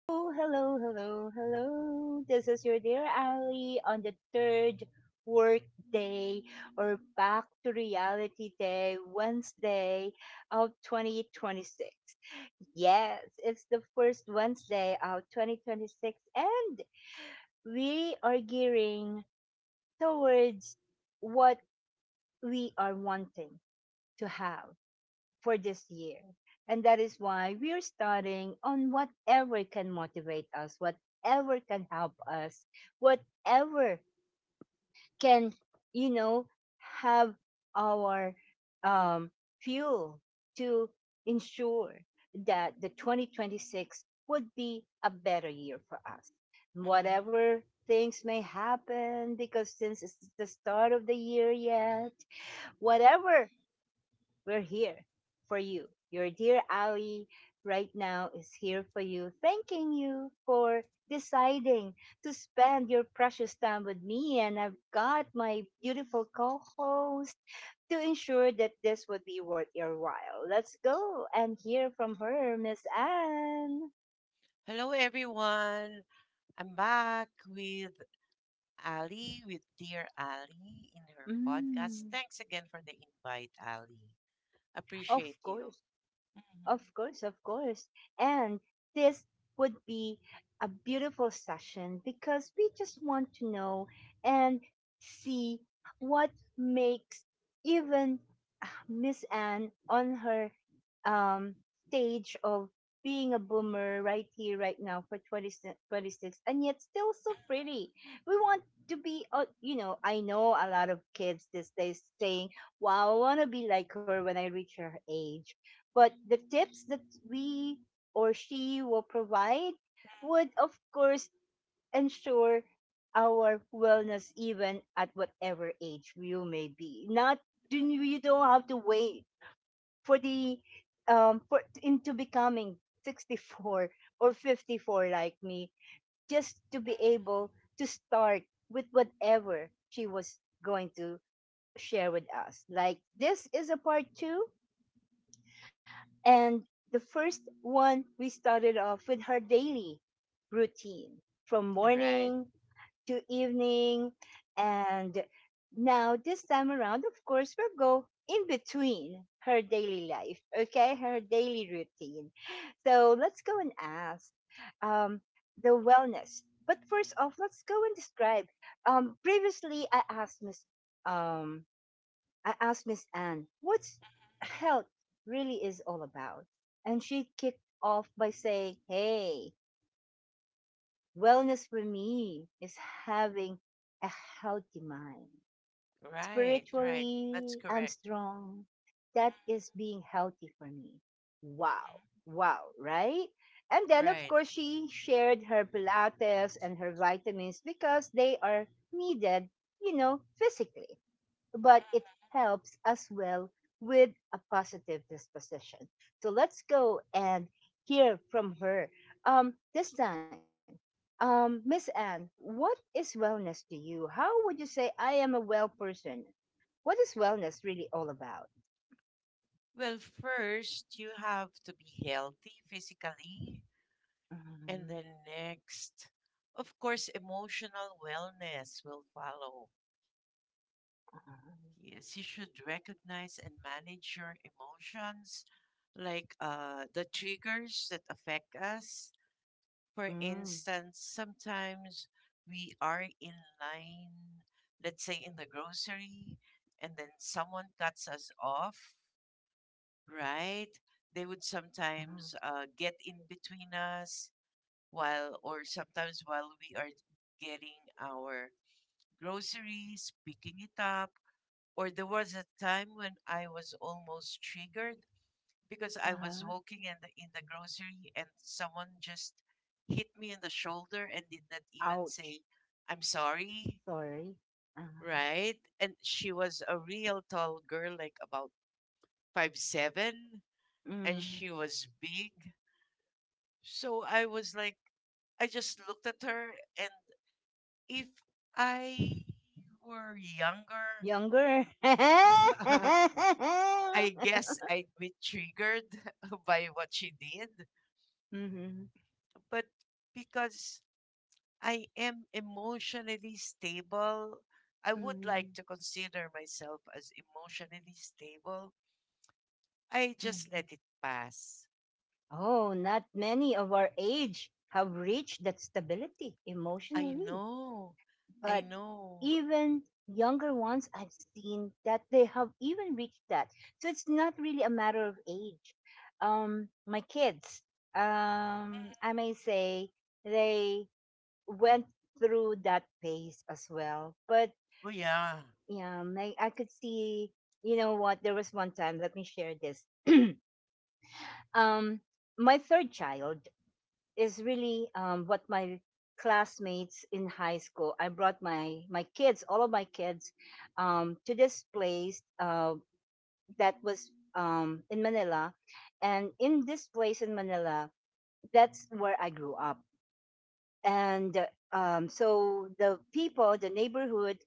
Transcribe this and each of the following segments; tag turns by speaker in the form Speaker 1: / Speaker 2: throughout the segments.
Speaker 1: hello, hello, hello. This is your dear Ali on the third work day or back to reality day, Wednesday of 2026. Yes, it's the first Wednesday of 2026, and we are gearing towards what we are wanting to have for this year. And that is why we're starting on whatever can motivate us, whatever can help us, whatever can, you know, have our um, fuel to ensure that the 2026 would be a better year for us.
Speaker 2: Mhm.
Speaker 1: Whatever things may happen, because since it's the start of the year yet, whatever we're here for you. Your dear Ali right now is here for you, thanking you for deciding to spend your precious time with me. And I've got my beautiful co host to ensure that this would be worth your while. Let's go and hear from her, Miss Anne.
Speaker 2: Hello, everyone. I'm back with Ali, with dear Ali in her podcast.
Speaker 1: Mm,
Speaker 2: Thanks again for the invite, Ali.
Speaker 1: of
Speaker 2: Appreciate
Speaker 1: course.
Speaker 2: you.
Speaker 1: Of
Speaker 2: Mhm.
Speaker 1: course, of course. And this would be a beautiful session because we just want to know and see what makes even Miss Anne on her um, stage of being a boomer right here, right now for 2026, and yet still so pretty. We want to be, I know a lot of kids these days saying, wow, I want to be like her when I reach her age, but the tips that we or she will provide would,
Speaker 2: Mhm.
Speaker 1: of course, ensure our wellness even at whatever age you may be. Not do You don't have to wait for the for into becoming 64 or 54 like me just to be
Speaker 2: Mhm.
Speaker 1: able to start with whatever she was going to share with us. Like, this is a part 2, and the first one, we started off with her daily routine from
Speaker 2: Right,
Speaker 1: morning to evening. And now, this time around, of course, we'll go in between her daily life, okay? Her daily routine. So let's go and ask um, the wellness. But first off, let's go and describe. Previously, um, I asked Miss Anne, what's health really is all about? And she kicked off by saying, hey, wellness for me is having a healthy mind.
Speaker 2: right, right.
Speaker 1: Spiritually,
Speaker 2: That's
Speaker 1: I'm
Speaker 2: correct.
Speaker 1: strong. That is
Speaker 2: Mhm.
Speaker 1: being healthy for me. Wow. Wow, right? And then, of
Speaker 2: Right.
Speaker 1: course, she shared her Pilates and her vitamins because they are needed, physically, but it helps as well with a positive disposition. So let's go and hear from her. This time, Miss Anne, what is wellness to you? How would you say I am a well person? What is wellness really all about?
Speaker 2: Well, first, you have to be healthy physically.
Speaker 1: Mhm.
Speaker 2: And then next, of course, emotional wellness will follow.
Speaker 1: Uh-huh.
Speaker 2: Yes, you should recognize and manage your emotions, like the triggers that affect us. For
Speaker 1: Mm.
Speaker 2: instance, sometimes we are in line, let's say in the grocery, and then someone cuts us off, right? They would
Speaker 1: Uh-huh.
Speaker 2: sometimes get in between us while or sometimes while we are getting our groceries, picking it up. Or there was a time when I was almost triggered because I
Speaker 1: Uh-huh.
Speaker 2: was walking in the grocery and someone just hit me in the shoulder and did not even
Speaker 1: Ouch!
Speaker 2: say, I'm sorry,
Speaker 1: Sorry. Uh-huh.
Speaker 2: right? And she was a real tall girl, like about 5'7", and
Speaker 1: Mm.
Speaker 2: she was big. So I was like, I just looked at her, and if I were younger,
Speaker 1: Younger.
Speaker 2: I guess I'd be triggered by what she did.
Speaker 1: Mhm.
Speaker 2: But because I am emotionally stable, I would
Speaker 1: Mm.
Speaker 2: like to consider myself as emotionally stable. I just
Speaker 1: Mm.
Speaker 2: let it pass.
Speaker 1: Oh, not many of our age have reached that stability
Speaker 2: I
Speaker 1: emotionally.
Speaker 2: know. I
Speaker 1: But
Speaker 2: know.
Speaker 1: even younger ones, I've seen that they have even reached that. So it's not really a matter of age. My kids,
Speaker 2: Mhm.
Speaker 1: I may say, they went through that phase as well. But
Speaker 2: Oh, yeah.
Speaker 1: yeah, I could see, you know what, there was one time, let me share this. um, my third child is really what my classmates in high school. I brought my kids, all of my kids, to this place that was in Manila, and in this place in Manila, that's where I grew up. And so the people, the neighborhood,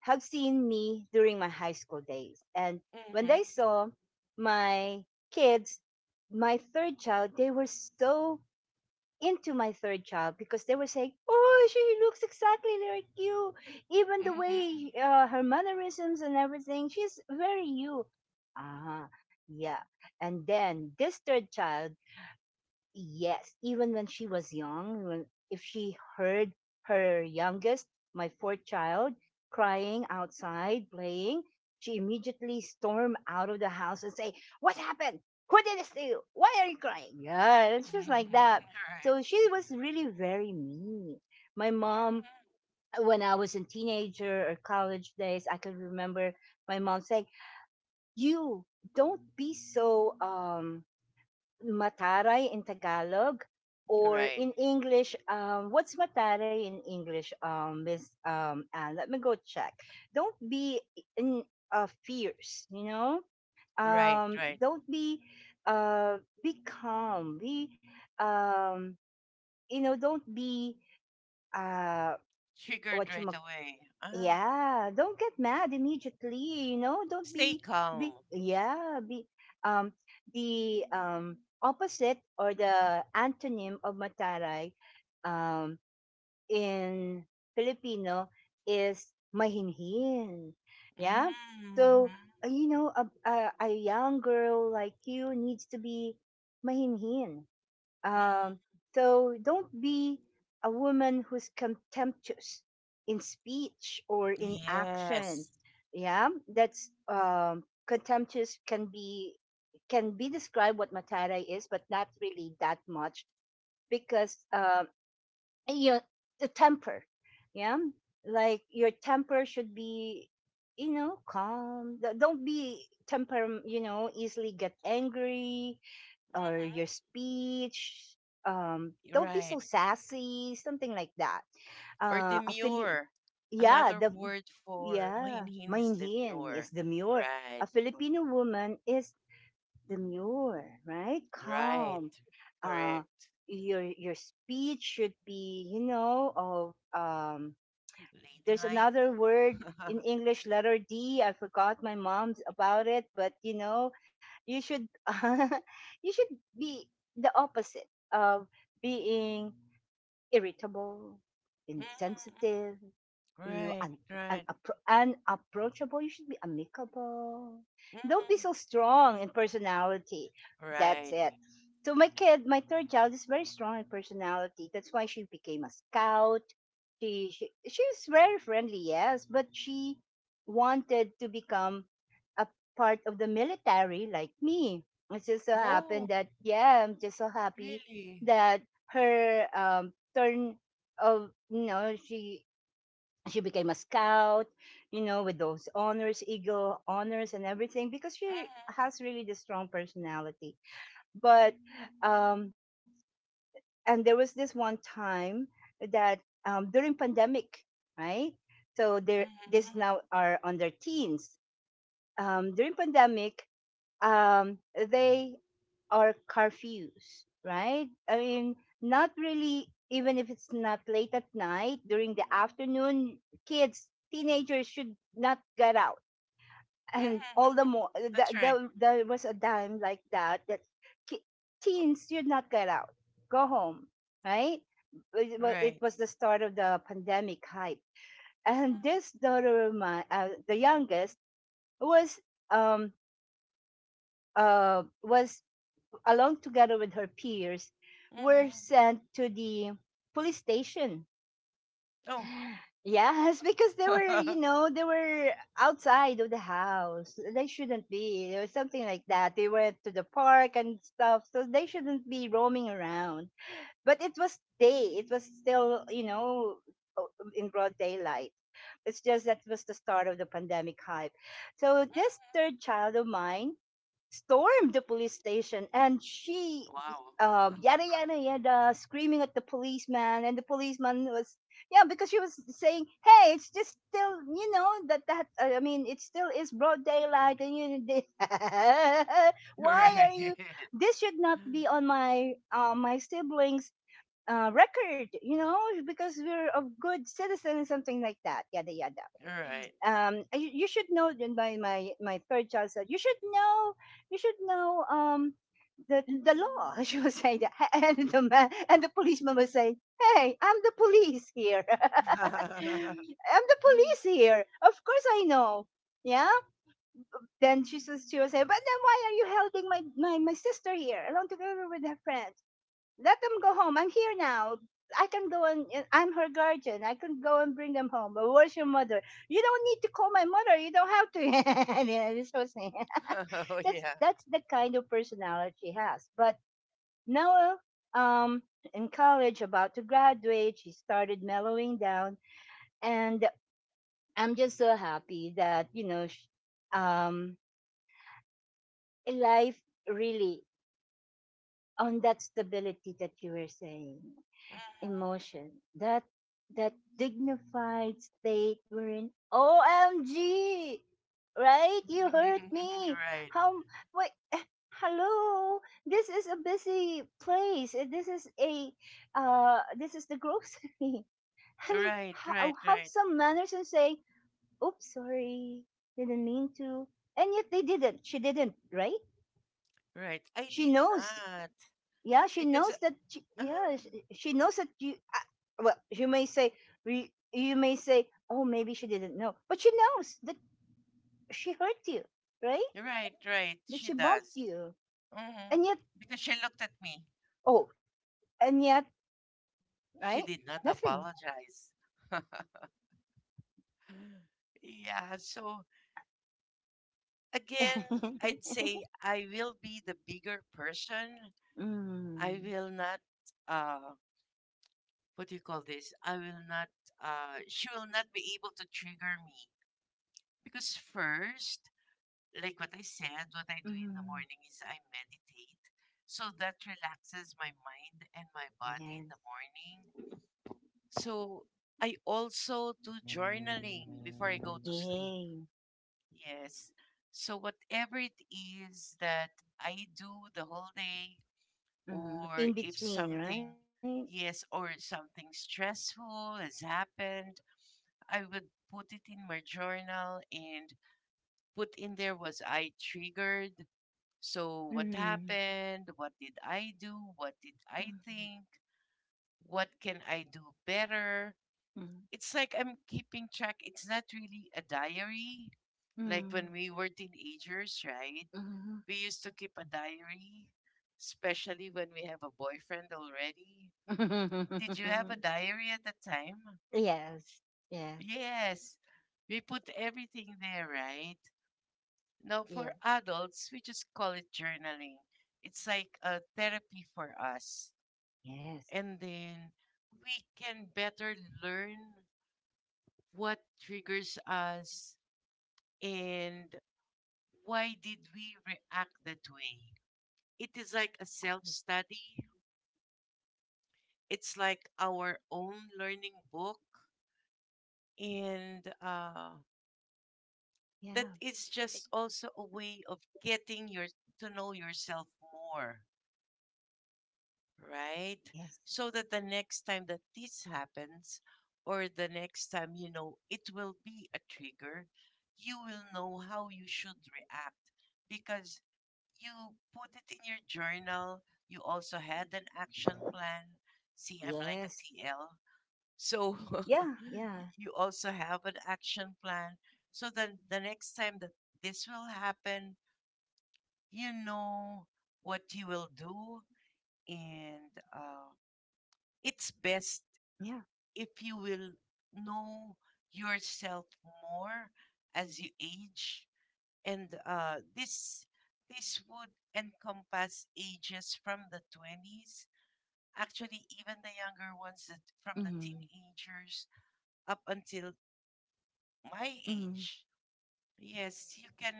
Speaker 1: have seen me during my high school days, and when
Speaker 2: Mm-hmm.
Speaker 1: they saw my kids, my third child, they were so into my third child because they were saying, "Oh, she looks exactly like you. Even the
Speaker 2: Mm-hmm.
Speaker 1: way her mannerisms and everything, she's very you." Ah, yeah. And then this third child. Yes, even when she was young, when if she heard her youngest, my fourth child, crying outside playing, she immediately stormed out of the house and say, "What happened? Who did this to you? Why are you crying?" Yeah, it's just like that.
Speaker 2: Right.
Speaker 1: So she was really very mean. My mom, when I was a teenager or college days, I could remember my mom saying, "You don't be so Mataray in Tagalog
Speaker 2: Mhm.
Speaker 1: or
Speaker 2: Right,
Speaker 1: in English. What's Mataray in English, Miss Anne? Let me go check. Don't be in fierce, you know.
Speaker 2: right, right.
Speaker 1: Don't be, be calm. Be, um, Don't be, uh, what,
Speaker 2: Triggered right away. Ah,
Speaker 1: yeah, don't get mad immediately, don't
Speaker 2: stay
Speaker 1: be, be
Speaker 2: calm.
Speaker 1: yeah be um the opposite, or the antonym of mataray, um in Filipino, is mahinhin, yeah. So,
Speaker 2: Mm-hmm.
Speaker 1: a young girl like you needs to be mahinhin um,,
Speaker 2: Mm-hmm.
Speaker 1: so don't be a woman who's contemptuous in speech or in action.
Speaker 2: Yes.
Speaker 1: Yeah, that's contemptuous can be, described what matara is, but not really that much because you know, the temper. Yeah, like, your temper should be, calm. Don't be temper. Easily get angry, or your speech.
Speaker 2: Mm-hmm.
Speaker 1: Don't be
Speaker 2: Right.
Speaker 1: so sassy, something like that.
Speaker 2: Or
Speaker 1: A Fili-
Speaker 2: demure.
Speaker 1: yeah,
Speaker 2: Another
Speaker 1: the
Speaker 2: word for
Speaker 1: yeah,
Speaker 2: mahinhin is
Speaker 1: Mainhin is
Speaker 2: demure.
Speaker 1: demure. A
Speaker 2: Right.
Speaker 1: Filipino woman is demure, right?
Speaker 2: Right.
Speaker 1: Calm. Uh,
Speaker 2: Correct.
Speaker 1: your speech should be, you know, of there's
Speaker 2: Ladylike.
Speaker 1: another word in English letter D. I forgot my mom's about it, but, you should you should be the opposite of being irritable,
Speaker 2: Mm, mm.
Speaker 1: insensitive, you know,
Speaker 2: Right.
Speaker 1: un,
Speaker 2: Right.
Speaker 1: unapproachable. You should be amicable. Don't be
Speaker 2: Hmm.
Speaker 1: so strong in personality. That's
Speaker 2: Right.
Speaker 1: it. So my third child is very strong in personality. That's why she became a scout. She was very friendly, yes, but she wanted to become a part of the military like me. It just so
Speaker 2: Oh,
Speaker 1: happened that, yeah, I'm just so happy
Speaker 2: really?
Speaker 1: that her turn of, she became a scout, with those honors, eagle honors, and everything, because she
Speaker 2: Hmm.
Speaker 1: has really the strong personality. But um and there was this one time that, during pandemic, right? So they're this,
Speaker 2: Hmm.
Speaker 1: now, are on their teens, during pandemic, um they, or curfews, right? I mean, not really, even if it's not late at night, during the afternoon, kids, teenagers should not get out. And
Speaker 2: Hmm.
Speaker 1: all the more,
Speaker 2: That's right.
Speaker 1: there was a time like that that ki- teens should not get out, go home, right? It
Speaker 2: Right.
Speaker 1: was the start of the pandemic hype. And
Speaker 2: Mhm.
Speaker 1: this daughter of mine, the youngest, was um uh was along together with her peers, were
Speaker 2: Mhm.
Speaker 1: sent to the police station.
Speaker 2: Oh.
Speaker 1: Yes, because they were, outside of the house. They shouldn't be. There was something like that. They went to the park and stuff, so they shouldn't be roaming around. But it was day. It was still, in broad daylight. It's just that was the start of the pandemic hype. So this third
Speaker 2: Mhm.
Speaker 1: child of mine stormed the police station, and she,
Speaker 2: Wow.
Speaker 1: yada yada yada, screaming at the policeman, and the policeman was, yeah, because she was saying, hey, it's just still, that, I mean, it still is broad daylight, and you they, why are
Speaker 2: Right.
Speaker 1: you, this should not be on my, my siblings, record, you know, because we're of good citizens, something like that, yada yada,
Speaker 2: Right.
Speaker 1: I, you should know then, by my, my third child said, you should know, you should know the law. She was saying that. And the man, and the policeman was saying, hey, I'm the police here, I'm the police here, of course I know, yeah. Then she says, she was saying, but then why are you helping my, my sister here, along together with her friend? Let them go home. I'm here now. I can go and, I'm her guardian. I can go and bring them home. But where's your mother? You don't need to call my mother. You don't have to. And it's so sad.
Speaker 2: Oh,
Speaker 1: that's
Speaker 2: yeah.
Speaker 1: that's the kind of personality she has. But now, um, in college, about to graduate, she started mellowing down, and I'm just so happy that, you know, um, life, really, on that stability that you were saying.
Speaker 2: Mhm.
Speaker 1: Emotion, that that dignified state we're in. OMG! Right? You hurt me.
Speaker 2: Right.
Speaker 1: How, wait, eh, hello, this is a busy place. This is a, this is the grocery. I mean,
Speaker 2: Right,
Speaker 1: how,
Speaker 2: right,
Speaker 1: have
Speaker 2: right,
Speaker 1: some manners and say, oops, sorry, didn't mean to, and yet they didn't, she didn't, right?
Speaker 2: right. I
Speaker 1: She
Speaker 2: did
Speaker 1: knows,
Speaker 2: not,
Speaker 1: yeah, she
Speaker 2: because
Speaker 1: knows that she,
Speaker 2: uh,
Speaker 1: yeah, she knows that you, well, you may say, you may say, oh, maybe she didn't know, but she knows that she hurt you, right?
Speaker 2: right, right.
Speaker 1: That
Speaker 2: She
Speaker 1: she bumped
Speaker 2: does.
Speaker 1: you,
Speaker 2: Hmm.
Speaker 1: and yet,
Speaker 2: Because she looked at me.
Speaker 1: oh, and yet, right,
Speaker 2: She did
Speaker 1: nothing.
Speaker 2: not apologize. Yeah, so again, I'd say I will be the bigger person. I
Speaker 1: Mm,
Speaker 2: will not, uh what do you call this? I will not, she will not be able to trigger me because first, like what I said, what I do in the
Speaker 1: mm,
Speaker 2: morning is I meditate. So that relaxes my mind and my body in
Speaker 1: yes.
Speaker 2: the morning. So I also do journaling before I go to sleep.
Speaker 1: Yay.
Speaker 2: Yes. So whatever it is that I do the whole day,
Speaker 1: Mm,
Speaker 2: or
Speaker 1: in
Speaker 2: if
Speaker 1: between,
Speaker 2: something,
Speaker 1: right.
Speaker 2: yes, or something stressful has happened, I would put it in my journal and put in, there was I triggered? So, what
Speaker 1: Mm,
Speaker 2: happened? What did I do? What did I
Speaker 1: mm,
Speaker 2: think? What can I do better? It's like I'm keeping track. It's not really a diary.
Speaker 1: mm,
Speaker 2: Like when
Speaker 1: mm,
Speaker 2: we were teenagers, right?
Speaker 1: mm.
Speaker 2: We used to keep a diary, especially when we have a boyfriend already. Did you have a diary at the time?
Speaker 1: Yes. Yes.
Speaker 2: Yes. We put everything there, right? Now, for
Speaker 1: Yeah.
Speaker 2: adults, we just call it journaling. It's like a therapy for us.
Speaker 1: Yes.
Speaker 2: And then we can better learn what triggers us, and why did we react that way. It is like a self study, it's like our own learning book. And
Speaker 1: Yeah.
Speaker 2: that, it's just also a way of getting your to know yourself more,
Speaker 1: Yes.
Speaker 2: right? So that the next time that this happens, or the next time you know it will be a trigger, you will know how you should react because you put it in your journal. You also had an action plan. See, I'm
Speaker 1: Yes.
Speaker 2: like a TL, so
Speaker 1: Yeah. Yeah.
Speaker 2: you also have an action plan, so then the next time that this will happen, you know what you will do, and
Speaker 1: Yeah.
Speaker 2: it's best if you will know yourself more as you age, and this would encompass ages from the 20s, actually even the younger ones, that from the
Speaker 1: Mm.
Speaker 2: teenagers up until my
Speaker 1: Mm.
Speaker 2: age. Yes, you can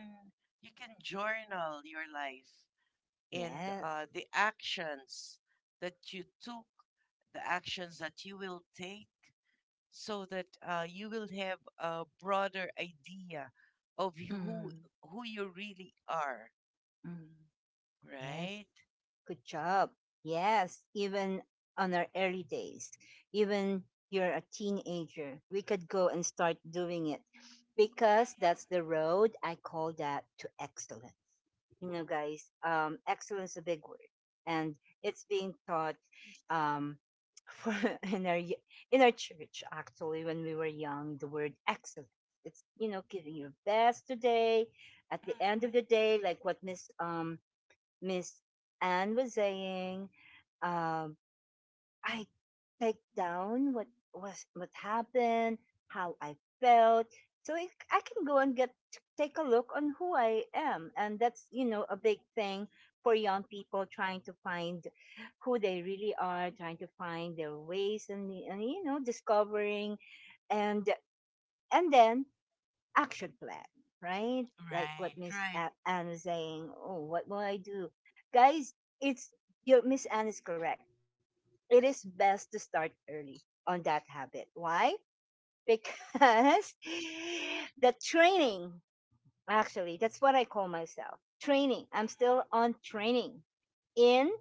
Speaker 2: journal your life, and
Speaker 1: Yes.
Speaker 2: the actions that you took, the actions that you will take, so that you will have a broader idea of who
Speaker 1: Mm.
Speaker 2: who you really are,
Speaker 1: Mm. Yes.
Speaker 2: right?
Speaker 1: Good job. Yes. Even on our early days, even you're a teenager, we could go and start doing it because that's the road I call that to excellence. You know guys, excellence is a big word, and it's being taught, um for, in our y- in our church actually when we were young, the word excellence, it's you know giving your best today at
Speaker 2: Mhm,
Speaker 1: the end
Speaker 2: mhm.
Speaker 1: of the day, like what Miss Miss Anne was saying. um I take down what was what happened, how I felt, so I can go and get take a look on who I am, and that's you know a big thing for young people trying to find who they really are, trying to find their ways, and you know discovering, and and then action plan, right? Like what
Speaker 2: Right, right.
Speaker 1: Anne was saying. Oh, what will I do, guys? It's, your Miss Anne is correct, it is best to start early on that habit. Why? Because the training, actually, that's what I call myself, training. I'm
Speaker 2: Mhm.
Speaker 1: still on training in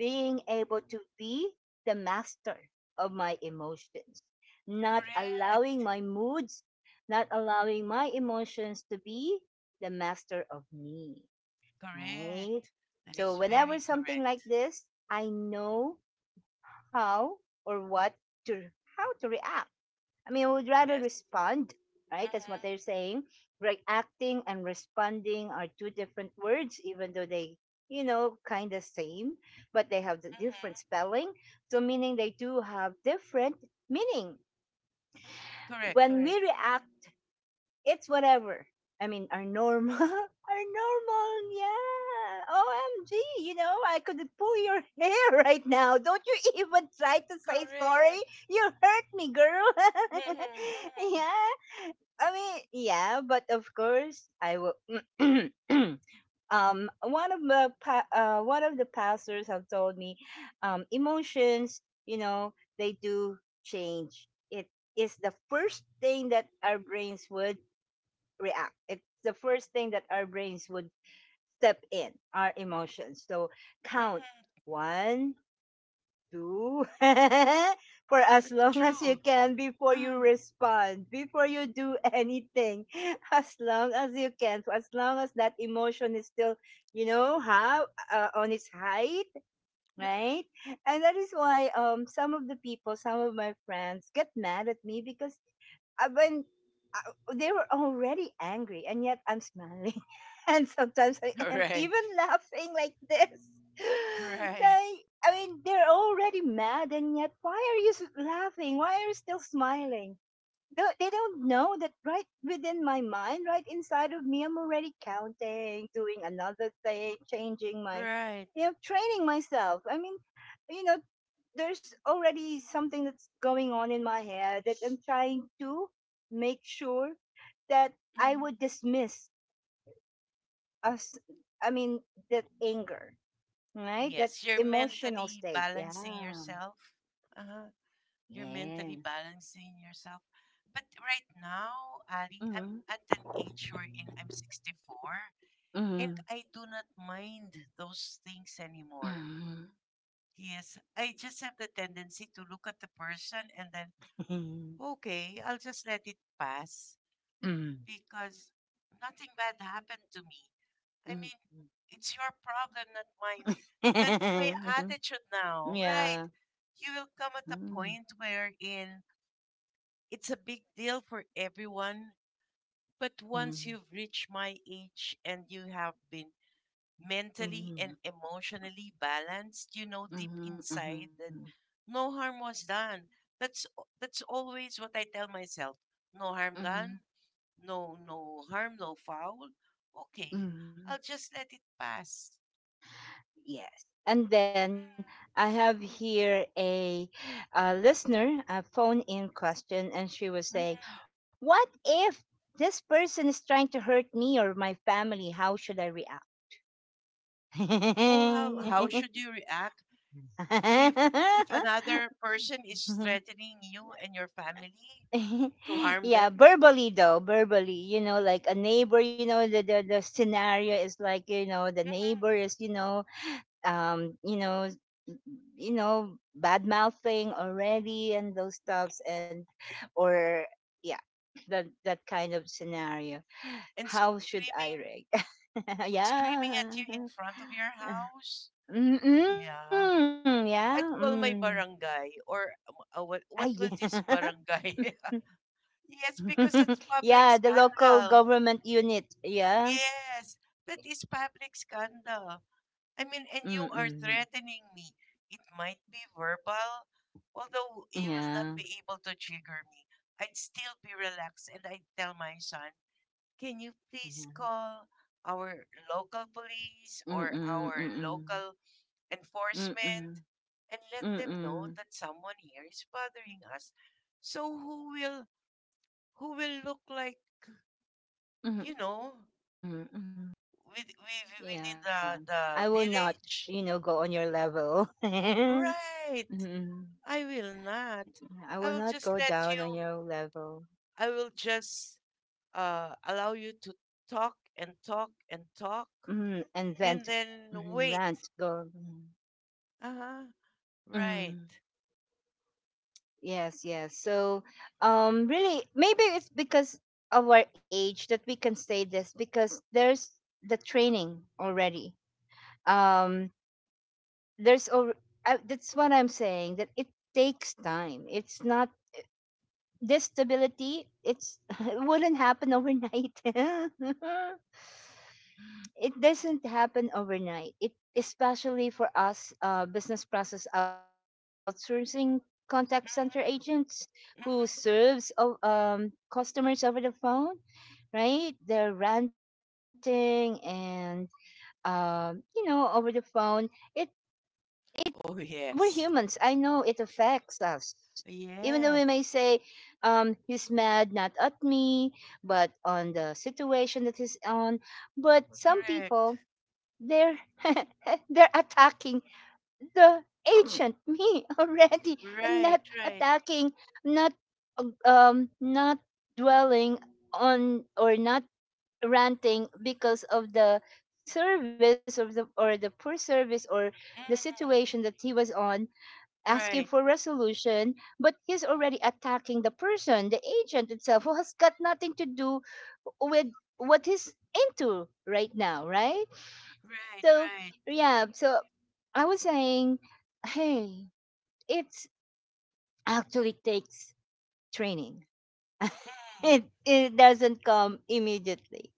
Speaker 1: being able to be the master of my emotions, not allowing
Speaker 2: Correct,
Speaker 1: my moods, not allowing my emotions to be the master of me, right?
Speaker 2: correct. That
Speaker 1: So,
Speaker 2: is
Speaker 1: whenever
Speaker 2: very
Speaker 1: something like
Speaker 2: correct.
Speaker 1: this, I know how or what to, how to react. I mean, I would rather
Speaker 2: Yes.
Speaker 1: respond, right? That's what
Speaker 2: Mhm,
Speaker 1: they're saying. Reacting and responding are two different words, even though they, you know, kind of same, but they have the different
Speaker 2: mhm.
Speaker 1: spelling. So meaning they do have different meaning.
Speaker 2: Correct,
Speaker 1: When we
Speaker 2: correct.
Speaker 1: react it's whatever. I mean, our normal, our normal, yeah. OMG, you know, I could pull your hair right now. Don't you even try to say sorry.
Speaker 2: Correct.
Speaker 1: You hurt me, girl.
Speaker 2: Mhm, mhm,
Speaker 1: yeah. I mean, yeah, but of course, I will. One of the one of the pastors have told me, emotions, you know, they do change. It is the first thing that our brains would react. It's the first thing that our brains would step in, our emotions. So count
Speaker 2: mhm.
Speaker 1: one, two, for as
Speaker 2: That's
Speaker 1: long as you
Speaker 2: true.
Speaker 1: can before you
Speaker 2: Uh,
Speaker 1: respond, before you do anything, as long as you can, for as long as that emotion is still, you know, how on its height,
Speaker 2: mhm.
Speaker 1: right? And that is why some of the people, some of my friends get mad at me because when they were already angry and yet I'm smiling, and sometimes I am
Speaker 2: Right,
Speaker 1: even laughing like this,
Speaker 2: right,
Speaker 1: like, I mean they're already mad and yet why are you laughing, why are you still smiling? They don't know that right within my mind, right inside of me, I'm already counting, doing another thing, changing my,
Speaker 2: right.
Speaker 1: you know, training myself. I mean, you know, there's already something that's going on in my head that I'm trying to make sure that I
Speaker 2: Mhm.
Speaker 1: would dismiss us. I mean, that anger, right? That
Speaker 2: Yes, you're
Speaker 1: emotional
Speaker 2: mentally
Speaker 1: state. Yeah.
Speaker 2: balancing yourself. Uh-huh. You're mentally
Speaker 1: Yes.
Speaker 2: balancing yourself. But right now, Ali, I'm
Speaker 1: Mm-hmm.
Speaker 2: at an age wherein I'm 64, and
Speaker 1: Mm-hmm.
Speaker 2: I do not mind those things anymore.
Speaker 1: Mm-hmm.
Speaker 2: Yes, I just have the tendency to look at the person and then,
Speaker 1: Mm-hmm.
Speaker 2: okay, I'll just let it pass, because nothing bad happened to me. I
Speaker 1: Mm-hmm.
Speaker 2: mean, it's your problem, not mine. That's my attitude now, right?
Speaker 1: yeah.
Speaker 2: You will come at a
Speaker 1: Mm,
Speaker 2: point wherein it's a big deal for everyone, but once
Speaker 1: mm,
Speaker 2: you've reached my age and you have been mentally and
Speaker 1: mhm,
Speaker 2: emotionally balanced, you know deep
Speaker 1: mhm,
Speaker 2: inside
Speaker 1: mhm,
Speaker 2: that no harm was done. That's that's always what I tell myself. No harm
Speaker 1: mhm,
Speaker 2: done, no, no harm, no foul. Okay,
Speaker 1: mhm.
Speaker 2: I'll just let it pass.
Speaker 1: Yes. And then I have here a, listener, a phone in question, and she was
Speaker 2: Mm,
Speaker 1: saying,
Speaker 2: mm.
Speaker 1: what if this person is trying to hurt me or my family? How should I react?
Speaker 2: Oh, how should you react if if another person is threatening you and your family to harm
Speaker 1: yeah,
Speaker 2: them.
Speaker 1: verbally though, verbally, you know, like a neighbor, you know, the scenario is like, you know, the neighbor
Speaker 2: Mhm.
Speaker 1: is, you know, you know, you know, bad mouthing already and those stuffs and or yeah, that kind of scenario.
Speaker 2: And
Speaker 1: How should I
Speaker 2: screaming
Speaker 1: react?
Speaker 2: screaming at you
Speaker 1: yeah.
Speaker 2: in front of your house? Yeah,
Speaker 1: Mm-mm, yeah.
Speaker 2: I'd call
Speaker 1: Mm.
Speaker 2: my barangay, or what
Speaker 1: Ah,
Speaker 2: what was this
Speaker 1: yeah.
Speaker 2: barangay? Yes, because it's public
Speaker 1: yeah, the local
Speaker 2: scandal.
Speaker 1: government unit. Yeah.
Speaker 2: Yes, that is public scandal. I mean, and you are
Speaker 1: Mm.
Speaker 2: threatening me. It might be verbal, although you will not be
Speaker 1: Yeah.
Speaker 2: able to trigger me. I'd still be relaxed and I'd tell my son, can you please
Speaker 1: Yeah.
Speaker 2: call our local police or
Speaker 1: Mm,
Speaker 2: our
Speaker 1: mm.
Speaker 2: local
Speaker 1: Mm.
Speaker 2: enforcement and let them know that
Speaker 1: Mm.
Speaker 2: someone here is bothering us? So
Speaker 1: Mm,
Speaker 2: who will
Speaker 1: mm.
Speaker 2: who will look, like, you know?
Speaker 1: Yeah. I will not, you
Speaker 2: Within
Speaker 1: know, go
Speaker 2: the,
Speaker 1: on your
Speaker 2: the
Speaker 1: level.
Speaker 2: village.
Speaker 1: Mm.
Speaker 2: Right. I will
Speaker 1: I will
Speaker 2: not.
Speaker 1: not go
Speaker 2: I will
Speaker 1: down on
Speaker 2: just
Speaker 1: your
Speaker 2: let you,
Speaker 1: level.
Speaker 2: I will just allow you to talk and talk and talk,
Speaker 1: Mm. And vent.
Speaker 2: and then
Speaker 1: Mm.
Speaker 2: wait.
Speaker 1: Rant. Go. Mm.
Speaker 2: Uh huh. Right.
Speaker 1: Mm. Yes, yes. So, really, maybe it's because of our age that we can say this, because there's the training already,
Speaker 2: Mhm,
Speaker 1: um there's a, that's what I'm saying, that it takes time, it's not this stability, it's it wouldn't happen overnight. It doesn't happen overnight, it especially for us, business process outsourcing contact center agents
Speaker 2: mhm,
Speaker 1: who
Speaker 2: mhm.
Speaker 1: serves customers over the phone, right? They're ranting and you know over the phone, it it
Speaker 2: Oh,
Speaker 1: we're humans.
Speaker 2: yes.
Speaker 1: I know it affects us. Even though we may
Speaker 2: Yes.
Speaker 1: say, he's mad not at me, but on the situation that he's on. But some
Speaker 2: Correct.
Speaker 1: people, they're they're attacking the ancient me already, and
Speaker 2: Right,
Speaker 1: not
Speaker 2: right.
Speaker 1: attacking, not not dwelling on or not ranting because of the service of the, or the poor service, or the situation
Speaker 2: Mhm.
Speaker 1: that he was on, asking
Speaker 2: Right.
Speaker 1: for resolution, but he's already
Speaker 2: Mm-hmm.
Speaker 1: attacking the person, the agent itself, who has got nothing to do with what he's into right now, right?
Speaker 2: Right,
Speaker 1: So,
Speaker 2: right.
Speaker 1: yeah, so I was saying, hey, it's actually takes training.
Speaker 2: Mm.
Speaker 1: It doesn't come immediately.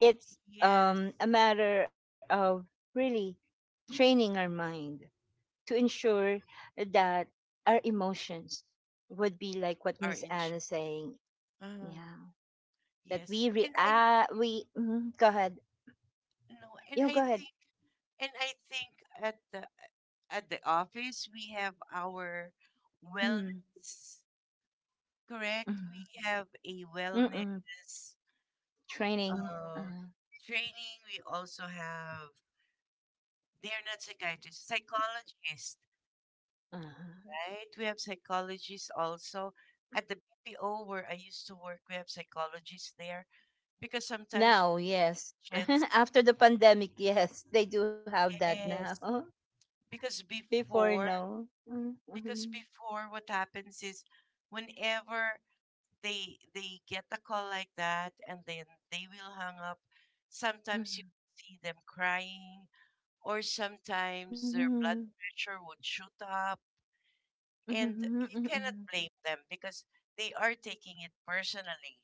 Speaker 1: It's
Speaker 2: Yes.
Speaker 1: a matter of really training our mind to ensure that our emotions would be like what
Speaker 2: Are
Speaker 1: Miss
Speaker 2: in
Speaker 1: Anna saying.
Speaker 2: huh.
Speaker 1: Yeah, that
Speaker 2: Yes,
Speaker 1: we
Speaker 2: and I,
Speaker 1: react. We go ahead.
Speaker 2: no, and
Speaker 1: You
Speaker 2: I
Speaker 1: go ahead.
Speaker 2: think and I think at the office we have our
Speaker 1: Mm,
Speaker 2: wellness.
Speaker 1: mm,
Speaker 2: Correct, we have a
Speaker 1: mm-mm.
Speaker 2: wellness
Speaker 1: Training. Uh,
Speaker 2: uh, training. We also have, they're not psychiatrists, psychologists,
Speaker 1: uh.
Speaker 2: right? We have psychologists also at the BPO where I used to work. We have psychologists there because sometimes
Speaker 1: Now, yes.
Speaker 2: agents.
Speaker 1: After the pandemic, yes, they do have that
Speaker 2: Yes,
Speaker 1: now.
Speaker 2: because
Speaker 1: Before,
Speaker 2: before,
Speaker 1: no. Mm, mm,
Speaker 2: because before, what happens is whenever they get a call like that and then they will hang up,
Speaker 1: mm,
Speaker 2: sometimes you see them crying,
Speaker 1: mm,
Speaker 2: or
Speaker 1: mm,
Speaker 2: sometimes their blood pressure would shoot
Speaker 1: mm,
Speaker 2: up,
Speaker 1: mm, mm, mm, mm,
Speaker 2: and you cannot blame them because they are taking it personally,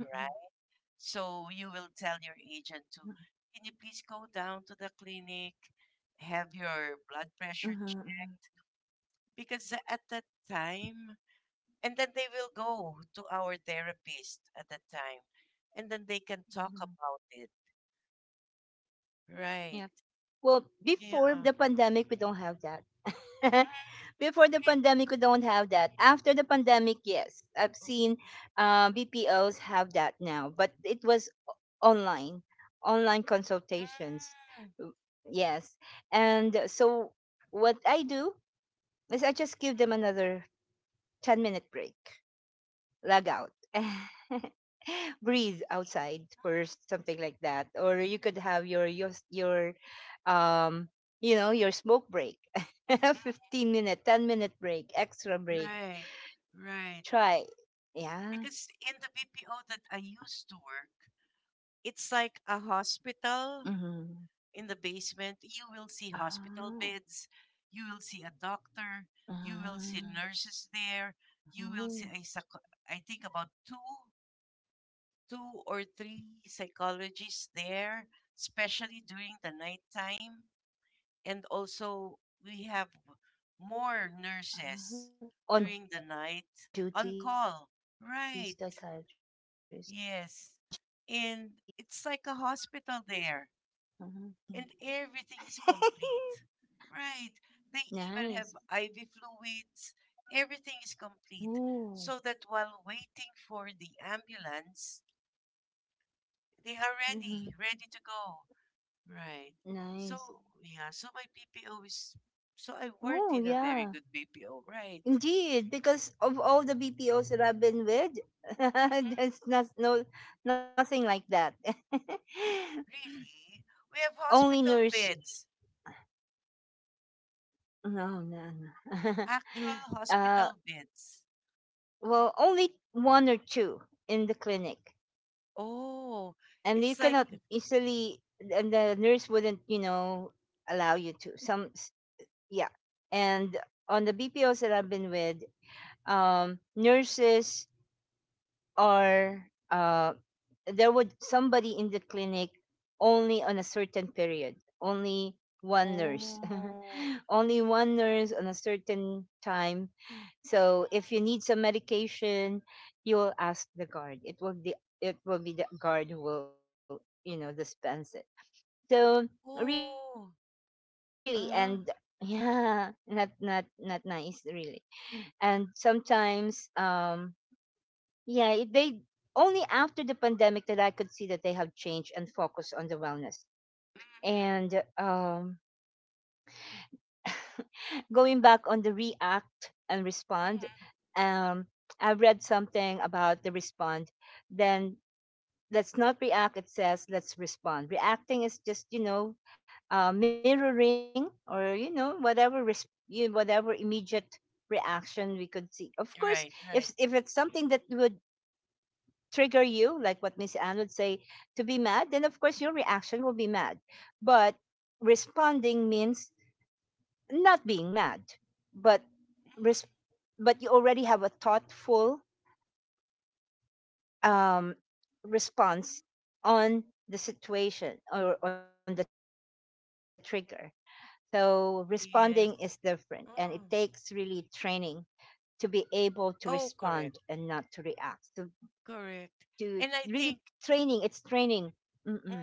Speaker 2: right?
Speaker 1: mm,
Speaker 2: So you will tell your agent to, can you please go down to the clinic,
Speaker 1: mm,
Speaker 2: have your
Speaker 1: mm,
Speaker 2: blood pressure checked, because at that time, and then they will go to our therapist at that time, and
Speaker 1: mm,
Speaker 2: then they can talk about it,
Speaker 1: mm.
Speaker 2: right?
Speaker 1: Well, before the
Speaker 2: Yeah.
Speaker 1: pandemic, we don't have that.
Speaker 2: Mm,
Speaker 1: Before the pandemic, we
Speaker 2: really.
Speaker 1: don't have that. After the pandemic, yes, I've seen BPOs have that now, but it was online, online consultations.
Speaker 2: Mm,
Speaker 1: W- Yes. And so what I do is I just give them another 10-minute break, log out. Breathe outside first, something like that. Or you could have your your um you know, your smoke break.
Speaker 2: mm,
Speaker 1: 15 minute, 10-minute break, extra
Speaker 2: mm.
Speaker 1: break.
Speaker 2: Right. Right.
Speaker 1: Try. Yeah.
Speaker 2: Because in the BPO that I used to work, it's
Speaker 1: Mhm.
Speaker 2: like a hospital. In the
Speaker 1: Ah.
Speaker 2: basement you will see hospital beds, you will see a
Speaker 1: Mhm.
Speaker 2: doctor, you will see
Speaker 1: Mhm.
Speaker 2: nurses there, you will see a I think about two
Speaker 1: Mhm.
Speaker 2: two
Speaker 1: On
Speaker 2: or three
Speaker 1: duty psychiatrist.
Speaker 2: psychologists there,
Speaker 1: Mhm.
Speaker 2: especially during the nighttime. And also, we have more nurses during the night on call. Right.
Speaker 1: Mhm. That's nice.
Speaker 2: Yes. And
Speaker 1: And
Speaker 2: it's
Speaker 1: that's
Speaker 2: like a
Speaker 1: part of the
Speaker 2: hospital
Speaker 1: company.
Speaker 2: there, and everything is complete. Right.
Speaker 1: Nice.
Speaker 2: They even have IV fluids. Everything is
Speaker 1: Mm-hmm.
Speaker 2: complete. So that while waiting for the ambulance, they are
Speaker 1: Mm-hmm.
Speaker 2: ready, ready to go. Right.
Speaker 1: Nice.
Speaker 2: So yeah, so my BPO is, so I worked
Speaker 1: Oh,
Speaker 2: in a very
Speaker 1: yeah.
Speaker 2: good BPO, right?
Speaker 1: Indeed, because of all the BPOs that I've been with, there's
Speaker 2: Hmm.
Speaker 1: not, no, nothing like that.
Speaker 2: Really? We have
Speaker 1: only
Speaker 2: hospital
Speaker 1: nurse.
Speaker 2: beds. Yes,
Speaker 1: No, no,
Speaker 2: we have
Speaker 1: no.
Speaker 2: actual
Speaker 1: uh,
Speaker 2: hospital beds.
Speaker 1: well, only one or two in the clinic.
Speaker 2: Oh,
Speaker 1: And
Speaker 2: it's
Speaker 1: you
Speaker 2: like,
Speaker 1: cannot easily, and the nurse wouldn't, you know, allow you to. Yeah. And on the BPOs that I've been with, nurses are uh, there would somebody in the clinic only on a certain period, only one nurse,
Speaker 2: oh,
Speaker 1: only one nurse on a certain time. So if
Speaker 2: mm,
Speaker 1: you need some medication, you will ask the guard, it will be, it will be the guard who will, you know, dispense it. So really, and
Speaker 2: oh,
Speaker 1: yeah,
Speaker 2: uh,
Speaker 1: not nice really. And sometimes yeah, they only after the pandemic that I could see that they have changed and focus on the wellness.
Speaker 2: mm,
Speaker 1: And going back on the react and respond,
Speaker 2: mm,
Speaker 1: um, I read something about the respond. Then let's not react. It says let's respond. Reacting is just, you know, mirroring or you know whatever whatever immediate reaction we could see. Of course,
Speaker 2: right,
Speaker 1: if
Speaker 2: right.
Speaker 1: it's something that would trigger you, like what Miss Anne would say, to be mad, then of course your reaction will be mad. But responding means not being mad, but
Speaker 2: Mhm.
Speaker 1: res- but you already have a thoughtful um, response on the situation or on the trigger. So responding is different, and it
Speaker 2: Yes.
Speaker 1: takes really
Speaker 2: Mm.
Speaker 1: training to be able to respond and not to
Speaker 2: Oh,
Speaker 1: react.
Speaker 2: correct,
Speaker 1: To really
Speaker 2: correct. And
Speaker 1: training,
Speaker 2: I
Speaker 1: it's
Speaker 2: think.
Speaker 1: training. Mm-mm.
Speaker 2: Mm.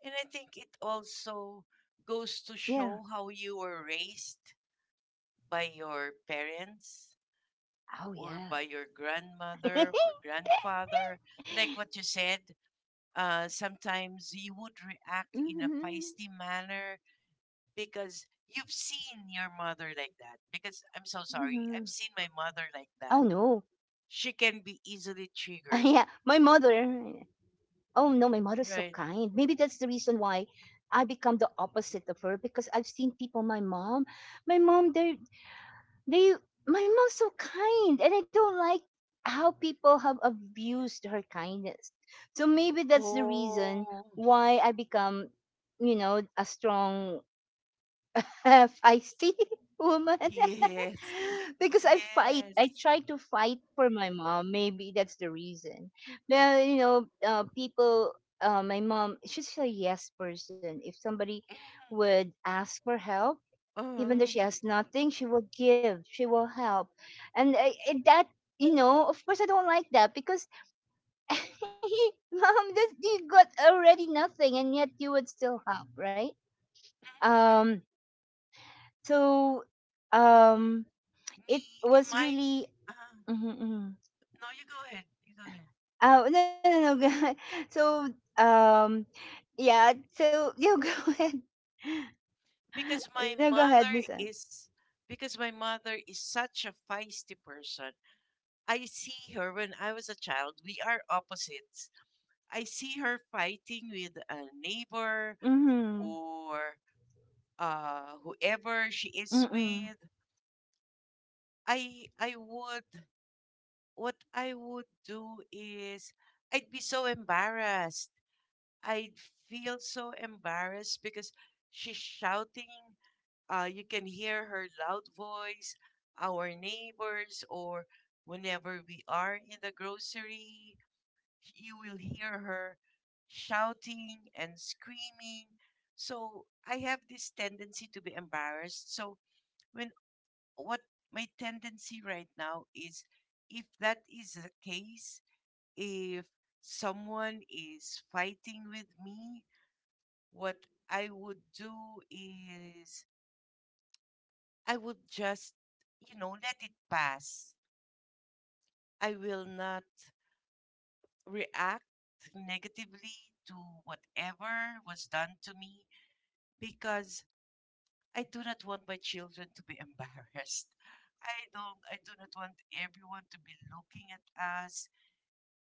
Speaker 2: And I think it
Speaker 1: Yeah.
Speaker 2: also goes to show how you were raised
Speaker 1: Oh
Speaker 2: by
Speaker 1: yeah.
Speaker 2: your parents or by your grandmother or grandfather.
Speaker 1: Mhm,
Speaker 2: Like what you said, sometimes you would
Speaker 1: mhm,
Speaker 2: react in a feisty manner because
Speaker 1: mhm.
Speaker 2: you've seen your mother like that. Because I'm
Speaker 1: Oh
Speaker 2: so sorry,
Speaker 1: no.
Speaker 2: I've seen my mother like that.
Speaker 1: yeah,
Speaker 2: She
Speaker 1: my
Speaker 2: can be easily
Speaker 1: mother.
Speaker 2: triggered.
Speaker 1: Oh no, my mother is so kind. Maybe that's
Speaker 2: Right.
Speaker 1: the reason why I become the opposite of her because I've seen people. My mom, they my mom's so kind, and I don't like how people have abused her kindness. So maybe that's the reason
Speaker 2: Oh,
Speaker 1: why I become, you know, a strong a feisty woman
Speaker 2: yes.
Speaker 1: because I fight.
Speaker 2: Yes.
Speaker 1: I try to fight for my mom. Maybe that's the reason. Well, you know, people. My mom, she's a yes person. If somebody
Speaker 2: Mm.
Speaker 1: would ask for help, even though
Speaker 2: Mhm.
Speaker 1: she has nothing, she will give. She will help, and that you know, of course, I don't like that because, mom, this, you got already nothing, and yet you would still help, right? Um, so um it
Speaker 2: Me in
Speaker 1: was
Speaker 2: my
Speaker 1: really
Speaker 2: uh,
Speaker 1: mhm, mhm.
Speaker 2: no, you go ahead. You go ahead.
Speaker 1: Oh, no, no, no. So, um, yeah, so, you go ahead.
Speaker 2: Because my
Speaker 1: No, go ahead,
Speaker 2: mother
Speaker 1: Miss. Ann.
Speaker 2: is because my mother is such a feisty person. I see her when I was a child. We are opposites. I see her fighting with a neighbor,
Speaker 1: Mhm.
Speaker 2: or whoever she is
Speaker 1: Mm-mm.
Speaker 2: with. I would What I would do is, I'd be so embarrassed. I feel so embarrassed because she's shouting. You can hear her loud voice, our neighbors, or whenever we are in the grocery, you will hear her shouting and screaming. So I have this tendency to be embarrassed. So when what my tendency right now is, if that is the case, if someone is fighting with me, what I would do is, I would just let it pass. I will not react negatively to whatever was done to me because I do not want my children to be embarrassed. I do not want everyone to be looking at us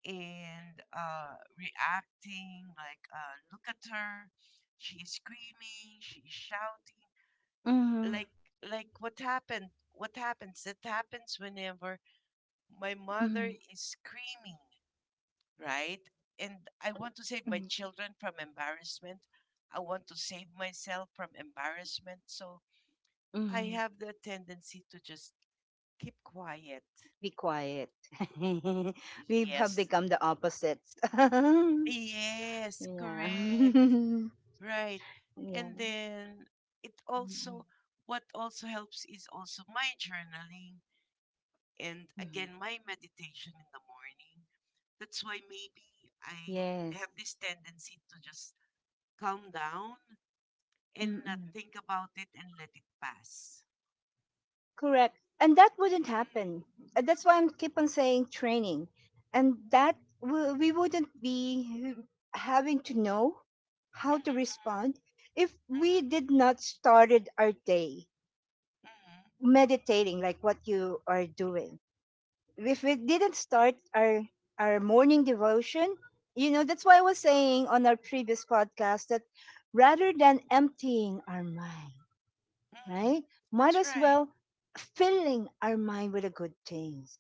Speaker 2: and reacting like look at her, she's screaming, she's shouting,
Speaker 1: Mhm.
Speaker 2: like like what happened what happens that happens whenever
Speaker 1: Mhm.
Speaker 2: my mother is screaming, right? And I want to
Speaker 1: Mhm.
Speaker 2: save my children from embarrassment. I want to save myself from embarrassment. So
Speaker 1: Mhm.
Speaker 2: I have the tendency to just keep quiet.
Speaker 1: Be quiet. We have become
Speaker 2: Yes,
Speaker 1: the opposites.
Speaker 2: yes,
Speaker 1: yeah.
Speaker 2: correct, right.
Speaker 1: yeah.
Speaker 2: And then it
Speaker 1: Mm-mm.
Speaker 2: also, what also helps is also my journaling, and
Speaker 1: Mhm.
Speaker 2: again my meditation in the morning. That's why maybe I have
Speaker 1: Yes.
Speaker 2: this tendency to just calm down and not
Speaker 1: Mm-mm.
Speaker 2: think about it and let it pass.
Speaker 1: Correct. And that wouldn't happen. That's why I'm keep on saying training. And that we wouldn't be having to know
Speaker 2: Mhm,
Speaker 1: how to
Speaker 2: mhm,
Speaker 1: respond if we did not started our day
Speaker 2: mhm, mhm,
Speaker 1: meditating like what you are doing. If we didn't start our morning devotion, you know, that's why I was saying on our previous podcast that rather than emptying our mind,
Speaker 2: mhm, mhm.
Speaker 1: right? Might
Speaker 2: That's
Speaker 1: as
Speaker 2: right.
Speaker 1: well filling our mind with the good things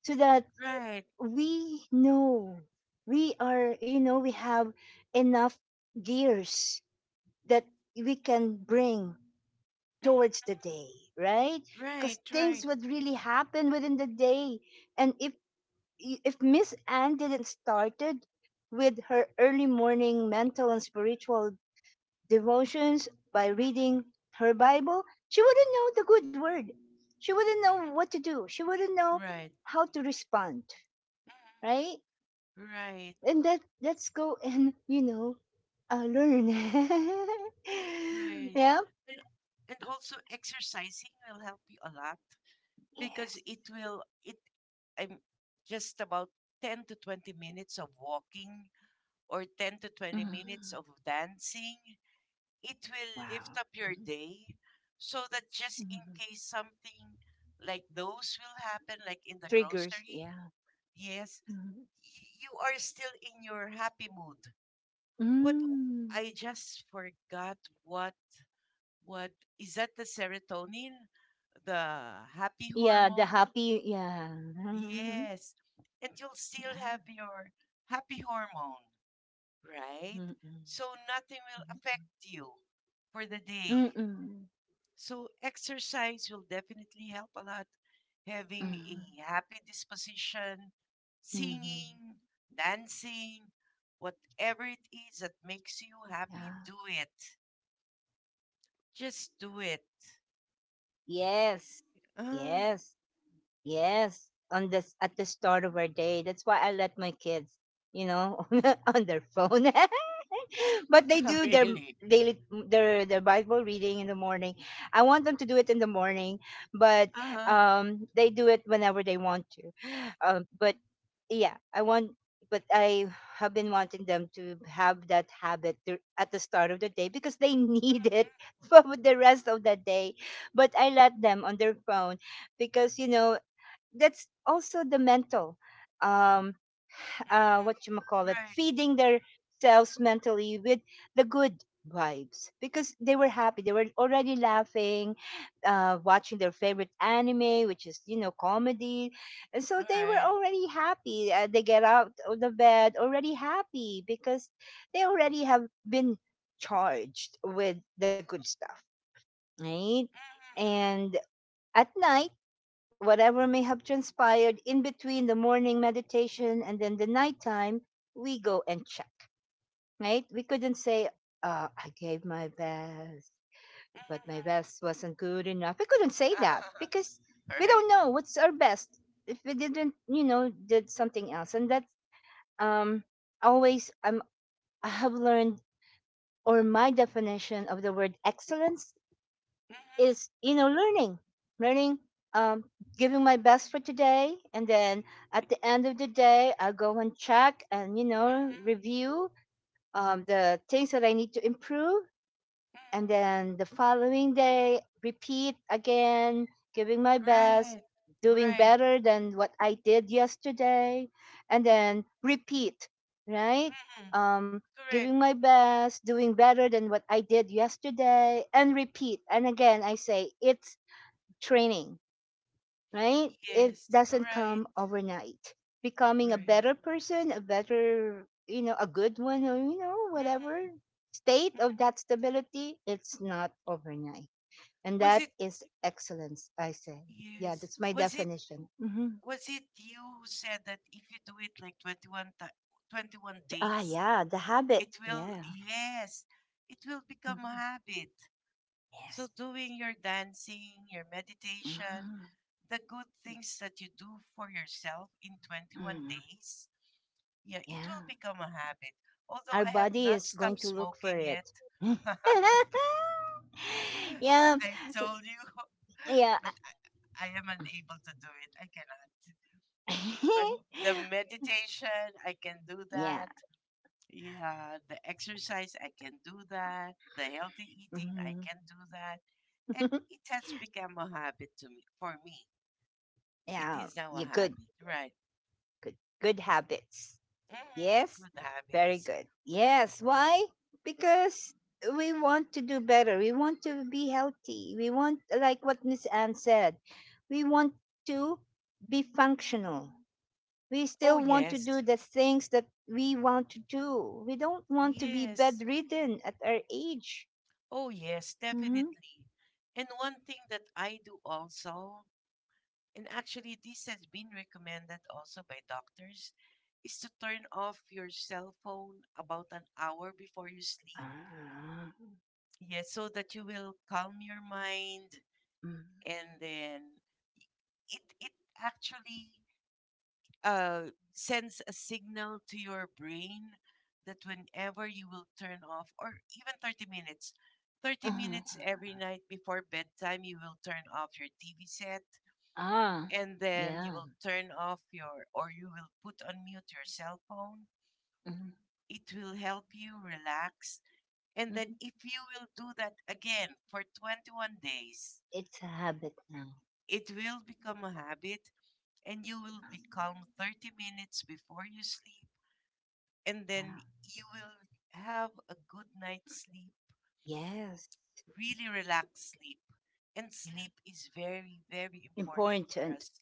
Speaker 1: so that
Speaker 2: Right.
Speaker 1: we know we are, you know, we have enough gears that we can bring
Speaker 2: Mhm,
Speaker 1: towards the
Speaker 2: mhm.
Speaker 1: day, right? Because
Speaker 2: Right, right.
Speaker 1: things would really happen within the day. And if Miss Anne didn't started with her early morning mental and spiritual devotions by
Speaker 2: Mhm.
Speaker 1: reading her Bible, she wouldn't know the good word. She wouldn't know what to do. She wouldn't know
Speaker 2: Right.
Speaker 1: how to respond,
Speaker 2: Mhm.
Speaker 1: right?
Speaker 2: Right.
Speaker 1: And that let's go and learn.
Speaker 2: Right.
Speaker 1: Yeah.
Speaker 2: And, and also exercising will help you a lot, because
Speaker 1: Yes.
Speaker 2: it will it I'm just about 10 to 20 minutes of walking or 10
Speaker 1: Mm.
Speaker 2: to 20 minutes of dancing. It
Speaker 1: Wow.
Speaker 2: will
Speaker 1: Mhm.
Speaker 2: lift up your day, so that
Speaker 1: Mhm.
Speaker 2: just in case something like those will happen, like in the
Speaker 1: Triggers. Yeah.
Speaker 2: grocery, yes,
Speaker 1: Mhm.
Speaker 2: you are still in your happy mood. What?
Speaker 1: Mm.
Speaker 2: I just forgot what what is that, the serotonin, the happy
Speaker 1: Yeah. The
Speaker 2: hormone?
Speaker 1: happy. Yeah. Mm-mm.
Speaker 2: Yes. And you'll still have your happy hormone, right? So nothing will affect you for the
Speaker 1: Mm-mm.
Speaker 2: day.
Speaker 1: Mm-mm.
Speaker 2: So exercise will definitely help a lot. Having a happy disposition, singing, dancing,
Speaker 1: Yeah.
Speaker 2: whatever it is that makes you happy, do it.
Speaker 1: Yes.
Speaker 2: Just do it.
Speaker 1: Yes. Yes. On this at the
Speaker 2: Uh,
Speaker 1: start of our day. That's why I let my kids, you know, on their phone. But they do their daily their Bible
Speaker 2: oh,
Speaker 1: reading in the
Speaker 2: really?
Speaker 1: morning. I want them to do it in the morning, but they do it whenever they
Speaker 2: Uh-huh.
Speaker 1: want to. But yeah, I have been wanting them to have that habit to, at the start of the day because they need it for the
Speaker 2: Mhm,
Speaker 1: rest of the day, but I let them on their phone because, you know, that's also the mental, um what you call it,
Speaker 2: mhm.
Speaker 1: feeding
Speaker 2: Right,
Speaker 1: their selves mentally with the good vibes because they were happy. They were already laughing, watching their favorite anime, which is, you know, comedy, and so they were
Speaker 2: right.
Speaker 1: already happy. They get out of the bed already happy because they already have been charged with the good stuff,
Speaker 2: Mhm,
Speaker 1: right?
Speaker 2: mhm.
Speaker 1: And at night, whatever may have transpired in between the morning meditation and then the nighttime, we go and check, right? We couldn't say, I gave my best, but my
Speaker 2: Mm-hmm.
Speaker 1: best wasn't good enough. We couldn't say that because we
Speaker 2: Right.
Speaker 1: don't know what's our best if we didn't, you know, did something else. And that's, um, always, I have learned, or my definition of the word excellence
Speaker 2: Mm-hmm.
Speaker 1: is, you know, learning um giving my best for today, and then at the end of the day I'll go and check and, you know,
Speaker 2: Mm-hmm.
Speaker 1: review, the things that I need to improve, and then the following day repeat again, giving my
Speaker 2: Mm-hmm.
Speaker 1: best,
Speaker 2: Right.
Speaker 1: doing
Speaker 2: Right.
Speaker 1: better than what I did yesterday, and then repeat, right?
Speaker 2: Mm-hmm.
Speaker 1: um, Giving my
Speaker 2: Correct.
Speaker 1: best, doing better than what I did yesterday, and repeat. And again, I say it, training, right? It
Speaker 2: Yes.
Speaker 1: doesn't
Speaker 2: Right.
Speaker 1: come overnight. Becoming a
Speaker 2: Right.
Speaker 1: better person, a better, you know, a good one, or, you know, whatever
Speaker 2: Mm-hmm.
Speaker 1: state of
Speaker 2: Mm-hmm.
Speaker 1: that stability, it's not overnight. And
Speaker 2: Was
Speaker 1: that
Speaker 2: it?
Speaker 1: is excellence, I say. Yeah,
Speaker 2: Yes.
Speaker 1: that's my
Speaker 2: Was it?
Speaker 1: definition. Hmm.
Speaker 2: Was it you who said that if you do it like 21
Speaker 1: Ah, yeah,
Speaker 2: days,
Speaker 1: the habit.
Speaker 2: it will,
Speaker 1: Yeah.
Speaker 2: yes, it will become
Speaker 1: Mhm.
Speaker 2: a habit?
Speaker 1: Yes.
Speaker 2: So doing your dancing, your meditation,
Speaker 1: Mhm.
Speaker 2: the good things that you do for yourself in 21
Speaker 1: Mm.
Speaker 2: days, yeah, it
Speaker 1: Yeah.
Speaker 2: will become a habit.
Speaker 1: Our
Speaker 2: Although I have
Speaker 1: body
Speaker 2: not
Speaker 1: is going
Speaker 2: stopped
Speaker 1: to look for
Speaker 2: smoking yet,
Speaker 1: it.
Speaker 2: I
Speaker 1: Yeah.
Speaker 2: told you,
Speaker 1: Yeah.
Speaker 2: but I am unable to do it. I cannot. But the meditation, I can do
Speaker 1: Yeah.
Speaker 2: that. Yeah, the exercise, I can do that. The healthy
Speaker 1: Mhm.
Speaker 2: eating, I can do that. And it has become a habit to me, for me.
Speaker 1: Yeah.
Speaker 2: It is
Speaker 1: You
Speaker 2: now a
Speaker 1: good.
Speaker 2: habit, right?
Speaker 1: Good. Good habits.
Speaker 2: Mm,
Speaker 1: Yes.
Speaker 2: good
Speaker 1: Very
Speaker 2: habits.
Speaker 1: good. Yes. Why? Because we want to do better. We want to be healthy. We want, like what Miss Anne said, we want to be functional. We
Speaker 2: Oh,
Speaker 1: still want to do
Speaker 2: yes.
Speaker 1: the things that we want to do. We don't want to be
Speaker 2: Yes.
Speaker 1: bedridden at our age.
Speaker 2: Oh, yes,
Speaker 1: Hmm.
Speaker 2: definitely. And one thing that I do also, and actually this has been recommended also by doctors, is to turn off your cell phone about an hour before you sleep.
Speaker 1: Ah,
Speaker 2: Yes, so that you will calm your mind,
Speaker 1: mm.
Speaker 2: and then it actually sends a signal to your brain that whenever you will turn off, or even 30 minutes, 30
Speaker 1: Ah,
Speaker 2: minutes every night before bedtime, you will turn off your TV set
Speaker 1: ah,
Speaker 2: and then you
Speaker 1: yeah.
Speaker 2: will turn off your, or you will put on mute your cell phone.
Speaker 1: Mm-hmm.
Speaker 2: It will help you relax. And then
Speaker 1: Mhm.
Speaker 2: if you will do that again for 21 days,
Speaker 1: It's a habit now.
Speaker 2: it will become a habit, and you will be calm 30 minutes before you sleep, and then
Speaker 1: Yeah.
Speaker 2: you will have a good night's sleep,
Speaker 1: Yes.
Speaker 2: really relaxed sleep. And
Speaker 1: Yeah.
Speaker 2: sleep is very, very important for
Speaker 1: Important.
Speaker 2: us.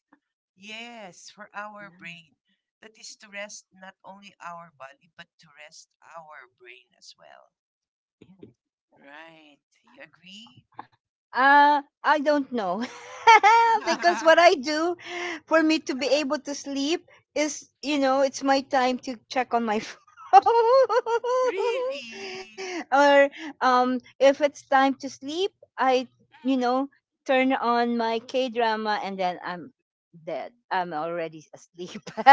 Speaker 2: Yes, for our brain. That is to rest not only our body, but to rest our brain as well. Right. You agree?
Speaker 1: I don't know. Because what I do for me to be able to sleep is, you know, it's my time to check on my phone.
Speaker 2: really?
Speaker 1: Or if it's time to sleep, I, you
Speaker 2: Mm.
Speaker 1: know, turn on my K-drama and then I'm dead. I'm already asleep.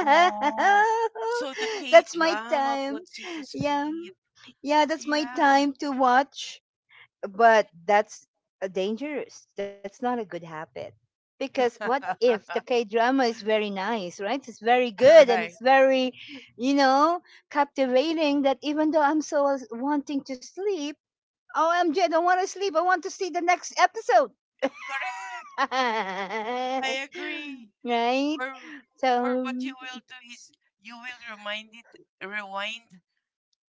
Speaker 2: Oh, so the K
Speaker 1: That's my
Speaker 2: drama
Speaker 1: time.
Speaker 2: puts you to
Speaker 1: Yeah.
Speaker 2: sleep.
Speaker 1: Yeah, that's my
Speaker 2: Yeah.
Speaker 1: time to watch, but that's dangerous. That's not a good habit. Because what if the K drama is very nice, right? It's very good and
Speaker 2: Right.
Speaker 1: it's very, you know, captivating that even though I'm wanting to sleep, oh, M J, I don't want to sleep. I want to see the next episode.
Speaker 2: Correct. I agree.
Speaker 1: Right?
Speaker 2: Or or
Speaker 1: So,
Speaker 2: what you will do is you will remind it rewind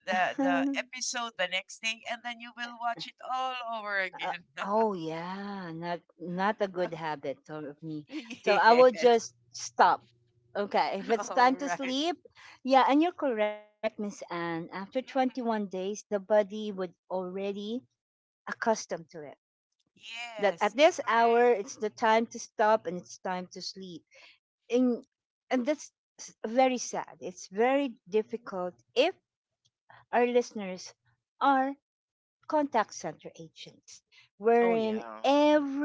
Speaker 2: the episode the next day, and then you will watch it all over
Speaker 1: Uh,
Speaker 2: again.
Speaker 1: oh yeah, not a good habit of me. So I will
Speaker 2: Yes.
Speaker 1: just stop. Okay, if it's
Speaker 2: All
Speaker 1: time to
Speaker 2: right.
Speaker 1: sleep, yeah, and you're correct, Miss Anne. After
Speaker 2: Mhm.
Speaker 1: 21 days, the body would already accustomed to it. That
Speaker 2: Yes.
Speaker 1: at this
Speaker 2: Correct.
Speaker 1: hour, it's the time to stop and it's time to sleep. And and that's very sad. It's very difficult if our listeners are contact center agents
Speaker 2: Oh
Speaker 1: wherein
Speaker 2: yeah.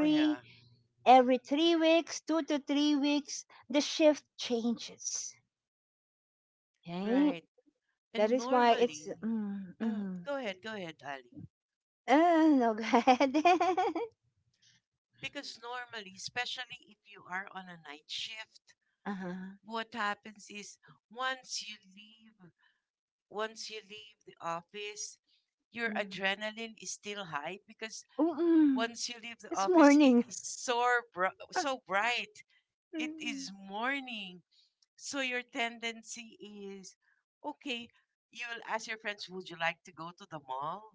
Speaker 2: Oh yeah.
Speaker 1: every 3 weeks, 2 to 3 weeks, the shift changes. Right?
Speaker 2: Right.
Speaker 1: That
Speaker 2: And
Speaker 1: is why
Speaker 2: normally
Speaker 1: it's. Mm,
Speaker 2: go ahead, Ali.
Speaker 1: uh, no, go ahead.
Speaker 2: Because normally, especially if you are on a night shift,
Speaker 1: Uh-huh.
Speaker 2: what happens is, once you leave once you leave the office, your
Speaker 1: Mm.
Speaker 2: adrenaline is still high, because
Speaker 1: Mm-mm.
Speaker 2: once you leave the
Speaker 1: It's
Speaker 2: office, it
Speaker 1: morning.
Speaker 2: is so so bright, it is morning. So your tendency is, okay, you'll ask your friends, would you like to go to the mall?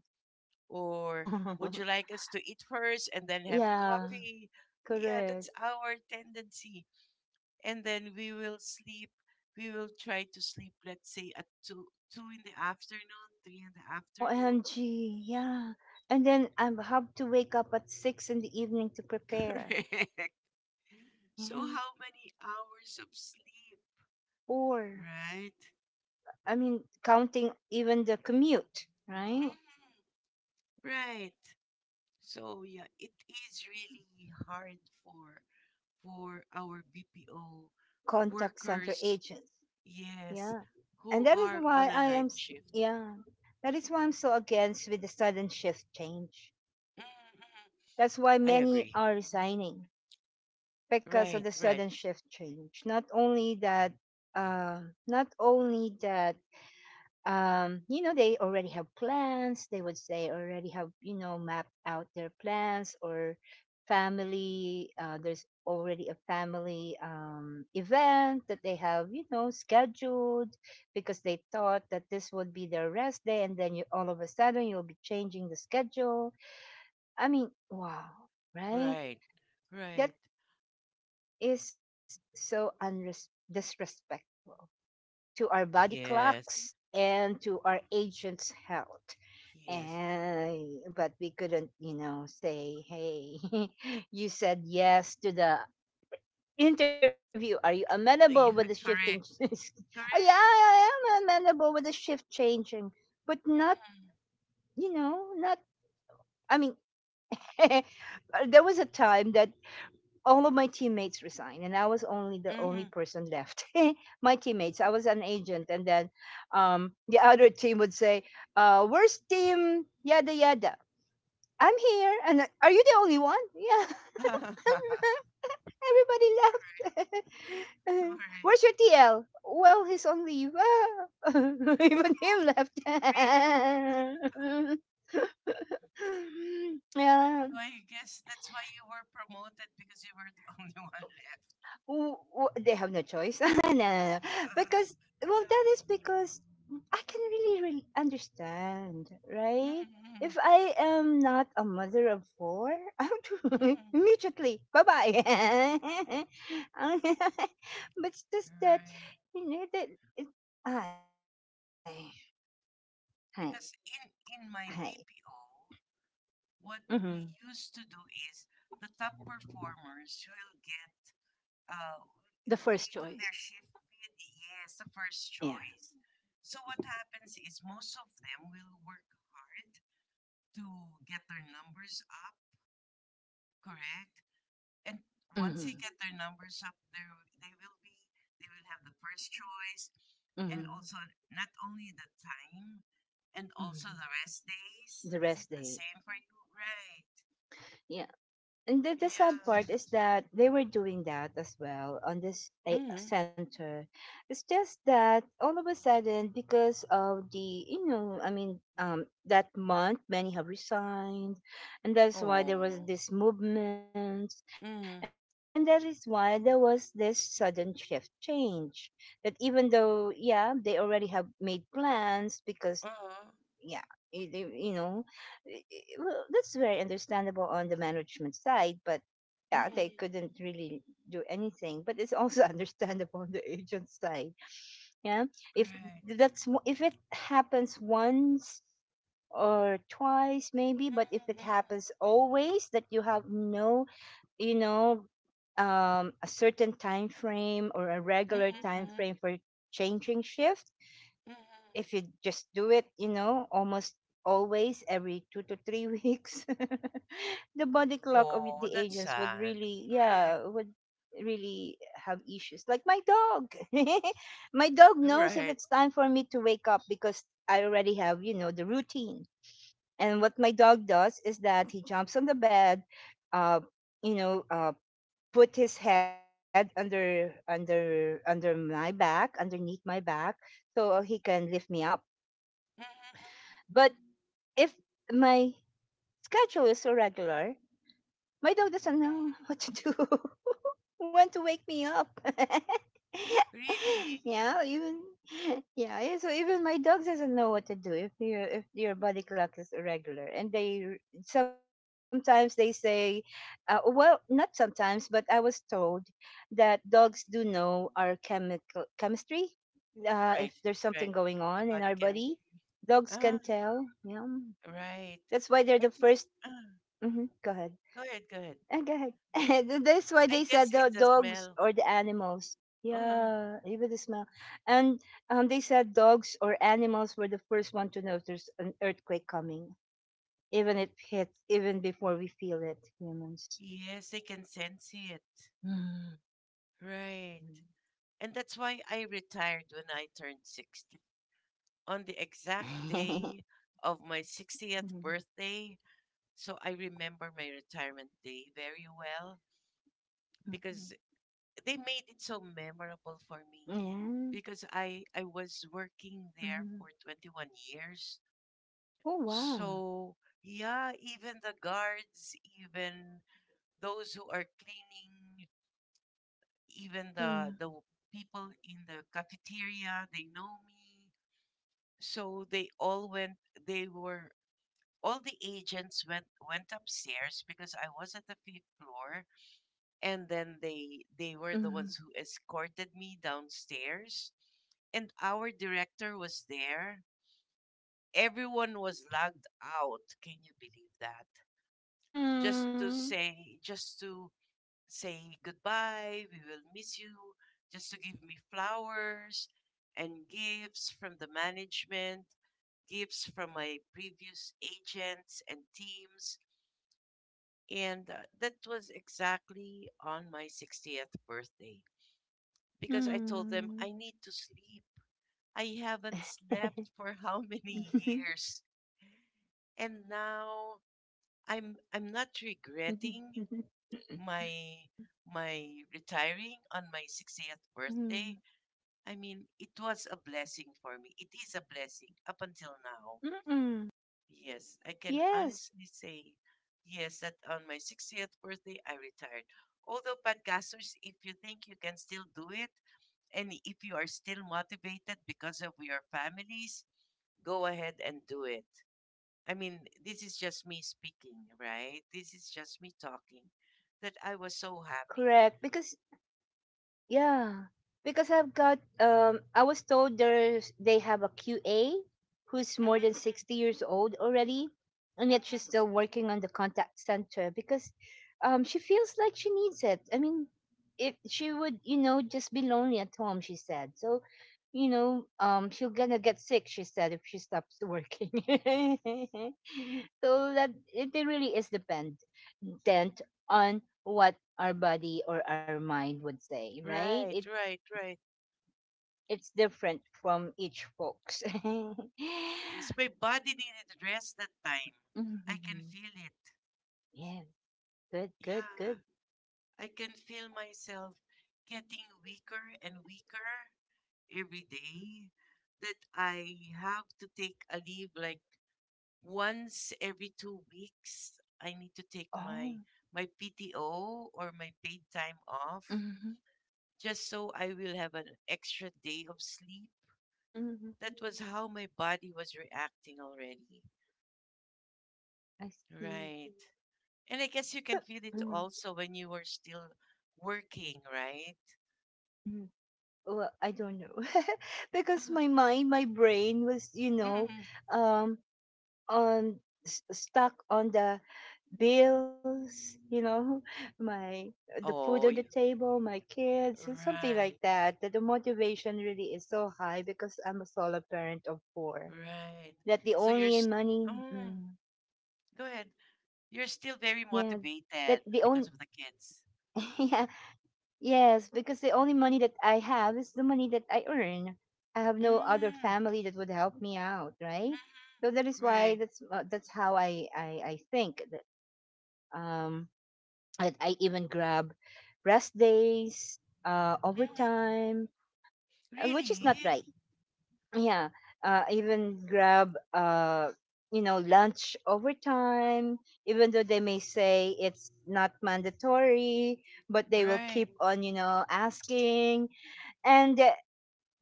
Speaker 2: Or would you like us to eat first and then have
Speaker 1: Yeah,
Speaker 2: coffee? Yeah, that's
Speaker 1: correct.
Speaker 2: our tendency. And then we will try to sleep, let's say at 2 in the afternoon, 3 in the afternoon.
Speaker 1: OMG, yeah. And then I have to wake up at 6 in the evening to prepare.
Speaker 2: Correct.
Speaker 1: Yeah.
Speaker 2: So how many hours of sleep,
Speaker 1: Or,
Speaker 2: right?
Speaker 1: I mean, counting even the commute,
Speaker 2: Mhm,
Speaker 1: right?
Speaker 2: right. So yeah, it is really hard for our BPO
Speaker 1: Contact center
Speaker 2: workers,
Speaker 1: agents. Yeah.
Speaker 2: yes,
Speaker 1: And
Speaker 2: who
Speaker 1: that is
Speaker 2: are on
Speaker 1: why
Speaker 2: a
Speaker 1: I
Speaker 2: night
Speaker 1: am, s-
Speaker 2: shift.
Speaker 1: yeah, that is why I'm so against with the sudden shift change.
Speaker 2: Mhm, mhm.
Speaker 1: That's why
Speaker 2: I
Speaker 1: many
Speaker 2: agree.
Speaker 1: are resigning because
Speaker 2: Right,
Speaker 1: of the
Speaker 2: right,
Speaker 1: sudden shift change. Not only that, uh, not only that you know, they already have plans. They would say already have, you know, mapped out their plans or family. There's already a family event that they have, you know, scheduled because they thought that this would be their rest day. And then you all of a sudden you'll be changing the schedule. I mean, wow, right?
Speaker 2: right, right.
Speaker 1: That is so disrespectful to our body clocks
Speaker 2: Yes,
Speaker 1: and to our agents' health.
Speaker 2: yes.
Speaker 1: And but we couldn't, you know, say, "Hey, you said yes to the interview. Are you
Speaker 2: It-
Speaker 1: amenable with the
Speaker 2: yeah,
Speaker 1: shifting?"
Speaker 2: correct,
Speaker 1: "Oh, yeah, I
Speaker 2: correct.
Speaker 1: am amenable with the shift changing, but not,
Speaker 2: Mm-hmm.
Speaker 1: you know, not. I mean, there was a time that all of my teammates resigned, and I was only person left. My teammates. I was an agent, and then the other team would say, "Worst team, yada yada." I'm here. And I- are you the only one? Yeah.
Speaker 2: Mm-hmm.
Speaker 1: Everybody left.
Speaker 2: All right.
Speaker 1: Where's your TL? Well, he's on leave. Ah. Even him left.
Speaker 2: Really? So
Speaker 1: Yeah.
Speaker 2: I guess that's why you were promoted, because you were the only one left.
Speaker 1: They have no choice. No, no, no. Because, well, that is because I can really, really understand, right?
Speaker 2: Mm-hmm.
Speaker 1: If I am not a mother of four, I would
Speaker 2: Mm-hmm.
Speaker 1: immediately, bye bye. But it's just that,
Speaker 2: Right.
Speaker 1: you know, it, I, hi,
Speaker 2: Because in
Speaker 1: hi.
Speaker 2: in my BPO,
Speaker 1: Mm-hmm.
Speaker 2: what we used to do is, the top performers will get, uh,
Speaker 1: The first
Speaker 2: they
Speaker 1: choice.
Speaker 2: do their shift with, yes, the first
Speaker 1: Yeah.
Speaker 2: choice. So what happens is, most of them will work hard to get their numbers up, correct? And once they
Speaker 1: Mm-hmm.
Speaker 2: get their numbers up, they will have the first choice, and
Speaker 1: Mm-hmm.
Speaker 2: also not only the time, and also
Speaker 1: Hmm.
Speaker 2: the rest days.
Speaker 1: The
Speaker 2: Is it
Speaker 1: rest
Speaker 2: the
Speaker 1: day.
Speaker 2: same for you? Right?
Speaker 1: Yeah. And the sad
Speaker 2: Yeah.
Speaker 1: part is that they were doing that as well on this eh,
Speaker 2: Mm-hmm.
Speaker 1: center. It's just that all of a sudden, because of the, you know, I mean, that month, many have resigned. And that's why
Speaker 2: Oh.
Speaker 1: there was this movement. And that
Speaker 2: Mm-hmm.
Speaker 1: is why there was this sudden shift change. That even though, yeah, they already have made plans because yeah
Speaker 2: Uh-huh.
Speaker 1: you, you you know well, that's very understandable on the management side, but yeah they
Speaker 2: Mm-hmm.
Speaker 1: couldn't really do anything, but it's also understandable on the agent side, yeah, if
Speaker 2: Right.
Speaker 1: if it happens once or twice maybe,
Speaker 2: mm
Speaker 1: but if it
Speaker 2: Hmm.
Speaker 1: happens always that you have no, you know, a certain time frame or a
Speaker 2: mm
Speaker 1: regular time
Speaker 2: Hmm.
Speaker 1: frame for changing shift,
Speaker 2: mm Hmm.
Speaker 1: if you just do it, you know, almost always every 2 to 3 weeks, the body clock of
Speaker 2: Oh,
Speaker 1: the
Speaker 2: that's
Speaker 1: agents would
Speaker 2: sad.
Speaker 1: really,
Speaker 2: Correct.
Speaker 1: yeah, would really have issues. Like my dog, my dog knows if
Speaker 2: Right.
Speaker 1: it's time for me to wake up because I already have, you know, the routine. And what my dog does is that he jumps on the bed, uh, you know, uh, put his head under my back, underneath my back, so he can lift me up,
Speaker 2: mm Hmm.
Speaker 1: but if my schedule is irregular, my dog doesn't know what to do, when to wake me up.
Speaker 2: Mm-mm. Really?
Speaker 1: Yeah, even yeah, yeah, so even my dog doesn't know what to do if your body clock is irregular, and they sometimes they say, well, not sometimes, but I was told that dogs do know our chemical chemistry. If there's
Speaker 2: Right,
Speaker 1: something going
Speaker 2: right.
Speaker 1: on in
Speaker 2: The
Speaker 1: our
Speaker 2: body
Speaker 1: body,
Speaker 2: chemistry.
Speaker 1: dogs can
Speaker 2: Ah,
Speaker 1: tell. Yeah,
Speaker 2: right.
Speaker 1: that's why they're the
Speaker 2: I think.
Speaker 1: 1st.
Speaker 2: Ah,
Speaker 1: Mm-hmm, go ahead.
Speaker 2: go ahead, go ahead.
Speaker 1: Go ahead. That's why they
Speaker 2: I
Speaker 1: said
Speaker 2: guess
Speaker 1: the
Speaker 2: it's a
Speaker 1: dogs
Speaker 2: smell.
Speaker 1: or the animals.
Speaker 2: Ah,
Speaker 1: Yeah, even the smell. And they said dogs or animals were the first one to notice an earthquake coming, even it hits, even before we feel it, humans.
Speaker 2: yes, I can sense it.
Speaker 1: Mm.
Speaker 2: Right. And that's why I retired when I turned 60. On the exact day of my 60th birthday. So I remember my retirement day very well, because they made it so memorable for me,
Speaker 1: Yeah.
Speaker 2: because I was working there for
Speaker 1: Mhm.
Speaker 2: 21 years.
Speaker 1: Oh wow.
Speaker 2: So yeah, even the guards, even those who are cleaning, even the
Speaker 1: Mm.
Speaker 2: people in the cafeteria, they know me. So they all went they were all the agents went upstairs because I was at the fifth floor, and then they were the ones
Speaker 1: Mm.
Speaker 2: who escorted me downstairs, and our director was there. Everyone was logged out, can you believe that? Just to
Speaker 1: Mm.
Speaker 2: say, goodbye, we
Speaker 1: Nice.
Speaker 2: will miss you,
Speaker 1: Mm-mm.
Speaker 2: just to give me flowers and gifts from
Speaker 1: Aw.
Speaker 2: the management, gifts from my previous agents and teams. And that was
Speaker 1: Mm.
Speaker 2: exactly on my 60th birthday, because I told them I
Speaker 1: Mm.
Speaker 2: need to sleep. I haven't slept for how many
Speaker 1: Mhm.
Speaker 2: years.
Speaker 1: Mhm.
Speaker 2: And now I'm not regretting my
Speaker 1: Mm.
Speaker 2: my retiring on my 60th birthday. I mean, it was a blessing for me. It is a blessing up until now.
Speaker 1: Mm-mm.
Speaker 2: Yes, I can honestly
Speaker 1: Yes.
Speaker 2: say, yes, that on my 60th birthday I retired. Although, podcasters, if you think you can still do it, and if you are still motivated because of your families, go ahead and do it.
Speaker 1: Uh-huh.
Speaker 2: I mean, this is just
Speaker 1: Yeah,
Speaker 2: me
Speaker 1: I've got.
Speaker 2: speaking, right?
Speaker 1: Mhm.
Speaker 2: This is just me talking.
Speaker 1: Yeah, I've
Speaker 2: That I was so happy.
Speaker 1: Correct because yeah because I've got. I was told there's they have a QA who's more than 60 years old already,
Speaker 2: Mm-hmm,
Speaker 1: and yet
Speaker 2: mm-hmm.
Speaker 1: she's still working on the contact center because, she feels like she needs it. I mean, if she would just be lonely at home, she said. So, she'll gonna get sick, she said, if she stops working. So that it really is dependent on what our body or our mind would say, right? it
Speaker 2: Right, right, right.
Speaker 1: it's different from each folks.
Speaker 2: Yes, my body needed rest that time. I can
Speaker 1: Mhm.
Speaker 2: feel it.
Speaker 1: Yeah, good, good,
Speaker 2: Yeah,
Speaker 1: good.
Speaker 2: I can feel myself getting weaker and weaker every day, that I have to take a leave like once every 2 weeks. I need to take
Speaker 1: Oh.
Speaker 2: my PTO or my paid time off,
Speaker 1: Hmm.
Speaker 2: just so I will have an extra day of sleep.
Speaker 1: Hmm.
Speaker 2: That was how my body was reacting already.
Speaker 1: I see.
Speaker 2: Right. And I guess you can feel it
Speaker 1: Mm-hmm.
Speaker 2: also when you were still working, right?
Speaker 1: Mm-hmm. Well, I don't know. Because my mind, my brain was,
Speaker 2: Mm.
Speaker 1: um, on stuck on the bills, my the food on the
Speaker 2: Oh, you,
Speaker 1: table, my kids, and something like
Speaker 2: right,
Speaker 1: that. That the motivation really is so high because I'm a solo parent of four.
Speaker 2: right.
Speaker 1: That the
Speaker 2: So you're,
Speaker 1: only money,
Speaker 2: oh, go ahead.
Speaker 1: yeah,
Speaker 2: You're still
Speaker 1: that the
Speaker 2: very
Speaker 1: only,
Speaker 2: motivated because of the kids.
Speaker 1: yes, because the only money that I have is the money that I earn. I have no other
Speaker 2: Mm.
Speaker 1: family that would help me out,
Speaker 2: Mhm.
Speaker 1: right? So that is
Speaker 2: Right.
Speaker 1: why that's how I think that um I even grab rest days, uh,
Speaker 2: Mhm, mhm.
Speaker 1: overtime, which is
Speaker 2: Really?
Speaker 1: not right. Yeah. Uh, even grab, lunch overtime, even though they may say it's not mandatory, but they will
Speaker 2: Right.
Speaker 1: keep on, you know, asking. And uh,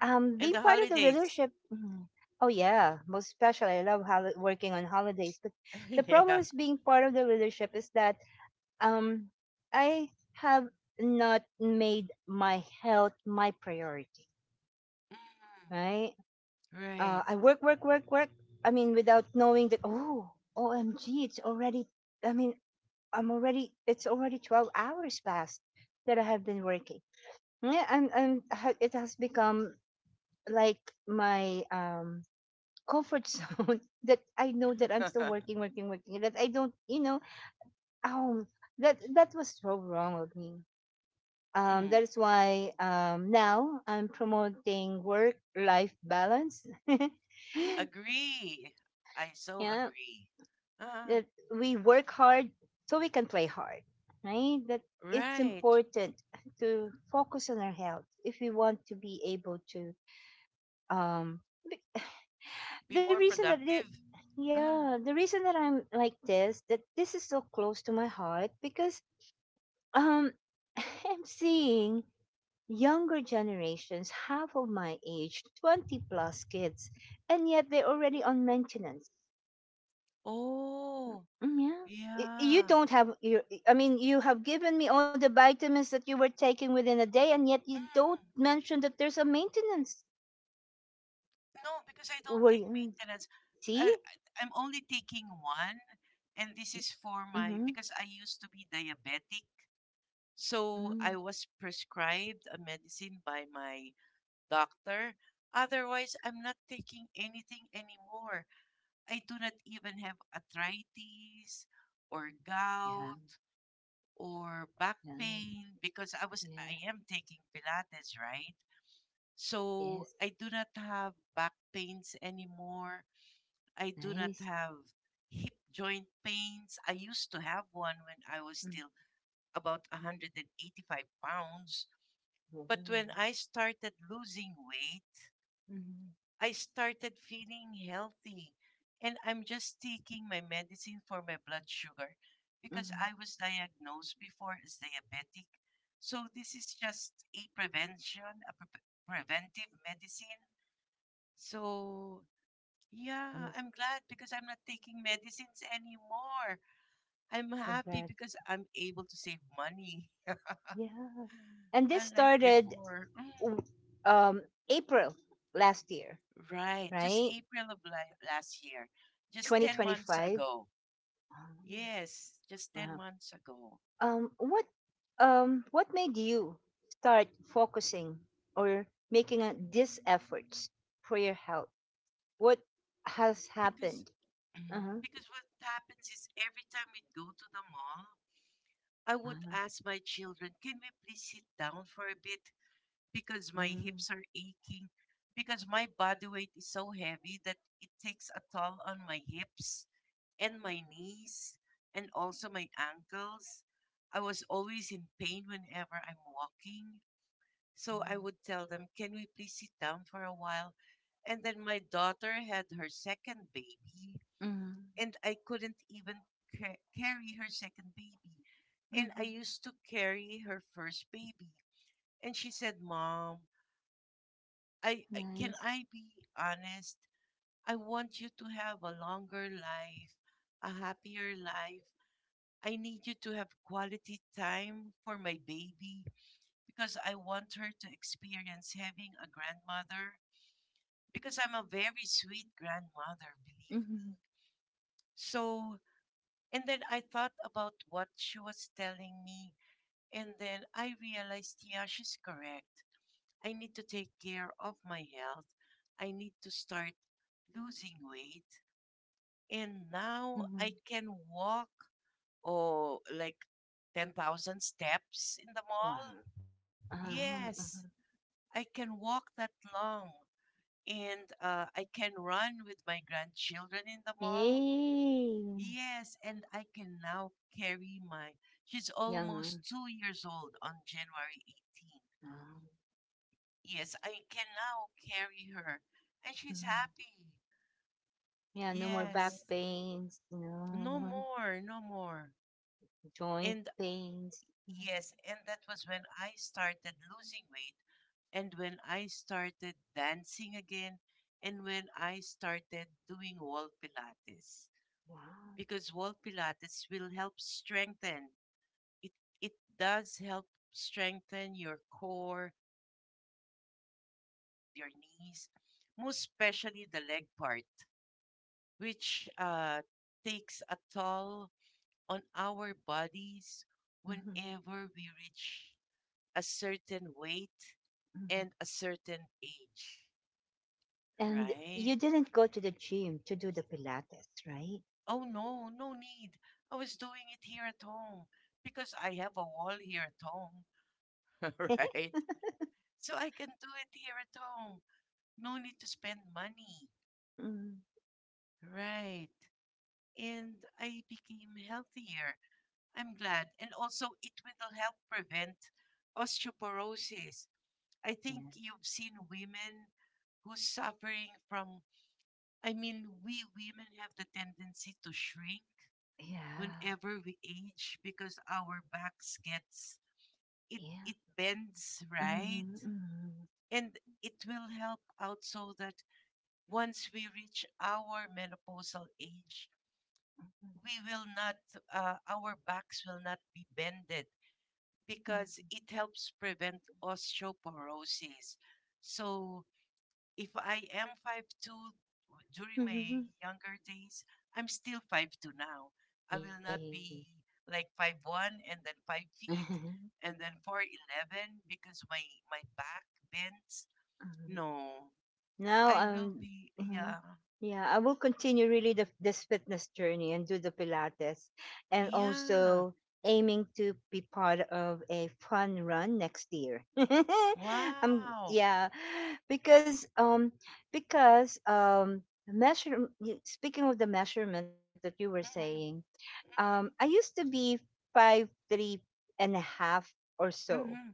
Speaker 1: um
Speaker 2: And
Speaker 1: being
Speaker 2: the
Speaker 1: part of the
Speaker 2: holidays.
Speaker 1: leadership, oh yeah, most especially I love working on holidays. But the problem
Speaker 2: Yeah.
Speaker 1: is, being part of the leadership is that um I have not made my health my priority,
Speaker 2: Mhm.
Speaker 1: right? Uh,
Speaker 2: Right.
Speaker 1: I work, work, work, work. I mean, without knowing that, oh, OMG, it's already, I mean, it's already 12 hours past that I have been working. Yeah, and, it has become like my comfort zone, that I know that I'm still working, working, working, that I don't, you know, um, that, that was so wrong of me.
Speaker 2: Mm.
Speaker 1: That is why, now I'm promoting work life balance.
Speaker 2: Agree. I so
Speaker 1: Yeah,
Speaker 2: agree. uh,
Speaker 1: that we work hard so we can play hard, right? That it's
Speaker 2: Right.
Speaker 1: important to focus on our health if we want to be able to. Um, be-
Speaker 2: Be
Speaker 1: the
Speaker 2: more
Speaker 1: reason that
Speaker 2: productive. uh,
Speaker 1: yeah, the reason that I'm like this, that this is so close to my heart, because um, I'm seeing younger generations, half of my age, 20 plus kids, and yet they're already on maintenance.
Speaker 2: Oh,
Speaker 1: Mm, yeah. You
Speaker 2: yeah.
Speaker 1: don't have you. I mean, you have given me all the vitamins that you were taking within a day, and yet you don't
Speaker 2: Mm.
Speaker 1: mention that there's a maintenance.
Speaker 2: No, because I don't
Speaker 1: Were
Speaker 2: take
Speaker 1: you,
Speaker 2: maintenance.
Speaker 1: see?
Speaker 2: I'm only taking one, and this is
Speaker 1: Mm-hmm.
Speaker 2: for my, because I used to be diabetic.
Speaker 1: Mm-hmm.
Speaker 2: So I was prescribed a medicine by my doctor. Otherwise, I'm not taking anything anymore. I do not even have arthritis or
Speaker 1: Yeah.
Speaker 2: gout or
Speaker 1: Yeah.
Speaker 2: back pain, because
Speaker 1: Yeah.
Speaker 2: I am taking Pilates, right?
Speaker 1: Yes.
Speaker 2: So I do not have back pains anymore. I do
Speaker 1: Nice.
Speaker 2: not have hip joint pains. I used to have one when I was still about 185 pounds. But
Speaker 1: Mm-hmm.
Speaker 2: when I started losing weight,
Speaker 1: Mm-hmm.
Speaker 2: I started feeling healthy. And I'm just taking my medicine for my blood sugar, because
Speaker 1: Mm-hmm.
Speaker 2: I was diagnosed before as diabetic. So this is just a prevention, a preventive medicine. So yeah,
Speaker 1: Nice.
Speaker 2: I'm glad because I'm not taking medicines anymore. I'm happy
Speaker 1: Congrats.
Speaker 2: because I'm able to save money,
Speaker 1: Yeah. And this
Speaker 2: unlike
Speaker 1: started
Speaker 2: before. Mm.
Speaker 1: w- um April last year,
Speaker 2: Right, just
Speaker 1: right?
Speaker 2: April of last year, just 10 months
Speaker 1: 2025.
Speaker 2: ago. Yes, just 10
Speaker 1: Wow.
Speaker 2: months ago.
Speaker 1: Um, what what made you start focusing or making a, these efforts for your health? What has
Speaker 2: Because
Speaker 1: happened?
Speaker 2: Mhm.
Speaker 1: Uh-huh.
Speaker 2: Because what happens is, every time we'd go to the mall, I would
Speaker 1: Ah,
Speaker 2: ask my children, "Can we please sit down for a bit, because my hips
Speaker 1: mm,
Speaker 2: are aching, because my body weight is so heavy that it takes a toll on my hips and my knees and also my ankles." I was always in pain whenever I'm walking. So I would tell them, can we please sit down for a while? And then my daughter had her second baby,
Speaker 1: mm,
Speaker 2: and I couldn't even carry her second baby. And I
Speaker 1: mm,
Speaker 2: used to carry her first baby. And she said, Mom, I can
Speaker 1: nice.
Speaker 2: I be honest? I want you to have a longer life, a happier life. I need you to have quality time for my baby because I want her to experience having a grandmother because I'm a very sweet grandmother, believe
Speaker 1: Mm,
Speaker 2: me. So, and then I thought about what she was telling me, and then I realized, yeah, she's correct. I need to take care of my health. I need to start losing weight. And now I
Speaker 1: mm,
Speaker 2: can walk, oh, like 10,000 steps in the
Speaker 1: wow.
Speaker 2: mall.
Speaker 1: Huh. Uh-huh.
Speaker 2: Yes, I can walk that long. And I can run with my grandchildren in the mall.
Speaker 1: Yay.
Speaker 2: Yes, and I can now carry my. She's almost
Speaker 1: Young.
Speaker 2: 2 years old on January 18.
Speaker 1: Ah,
Speaker 2: Yes, I can now carry her. And she's
Speaker 1: mm.
Speaker 2: happy.
Speaker 1: Yeah, no more
Speaker 2: Yes.
Speaker 1: back
Speaker 2: Yes,
Speaker 1: pains,
Speaker 2: no
Speaker 1: no
Speaker 2: more, no more.
Speaker 1: joint
Speaker 2: And
Speaker 1: pains. Mm.
Speaker 2: yes, and that was when I started losing weight and when I started dancing again and when I started doing wall pilates
Speaker 1: Wow.
Speaker 2: because wall pilates will help strengthen it it does help strengthen your core, your hips, your legs, your knees, most especially the leg part, which takes a toll on our bodies
Speaker 1: Mhm, mhm,
Speaker 2: whenever we reach a certain weight
Speaker 1: mhm.
Speaker 2: and a certain age,
Speaker 1: And
Speaker 2: right?
Speaker 1: you didn't go to the gym to do the Pilates, right?
Speaker 2: Oh no, no need. I was doing it here at home because I have a wall here at home, right? So I can do it here at home. No need to spend money.
Speaker 1: Mm-mm.
Speaker 2: Right. And I became healthier. I'm glad. And also, it will help prevent osteoporosis. I think
Speaker 1: Yeah.
Speaker 2: you've seen women who's suffering from, I mean, we women have the tendency to shrink
Speaker 1: Yeah.
Speaker 2: whenever we age because our backs gets it
Speaker 1: Yeah.
Speaker 2: it bends right,
Speaker 1: Mm-hmm.
Speaker 2: and it will help out so that once we reach our menopausal age
Speaker 1: Mm-hmm.
Speaker 2: we will not, our backs will not be bended because
Speaker 1: Mm-hmm.
Speaker 2: it helps prevent osteoporosis. So if I am 5'2" during my
Speaker 1: Mm-hmm.
Speaker 2: younger days, I'm still 5'2" now. I will
Speaker 1: Yay.
Speaker 2: not be like 5'1" and then 5 feet and then 4'11 because my back bends. No,
Speaker 1: Now,
Speaker 2: I will be,
Speaker 1: mhm,
Speaker 2: yeah,
Speaker 1: yeah, I will continue really this fitness journey and do the Pilates, and
Speaker 2: yeah.
Speaker 1: also aiming to be part of a fun run next year. um,
Speaker 2: Wow.
Speaker 1: yeah, because um, because um, Speaking of the measurement that you were
Speaker 2: Hmm.
Speaker 1: saying, I used to be 5'3" and a half or
Speaker 2: Hmm.
Speaker 1: so,
Speaker 2: Mhm,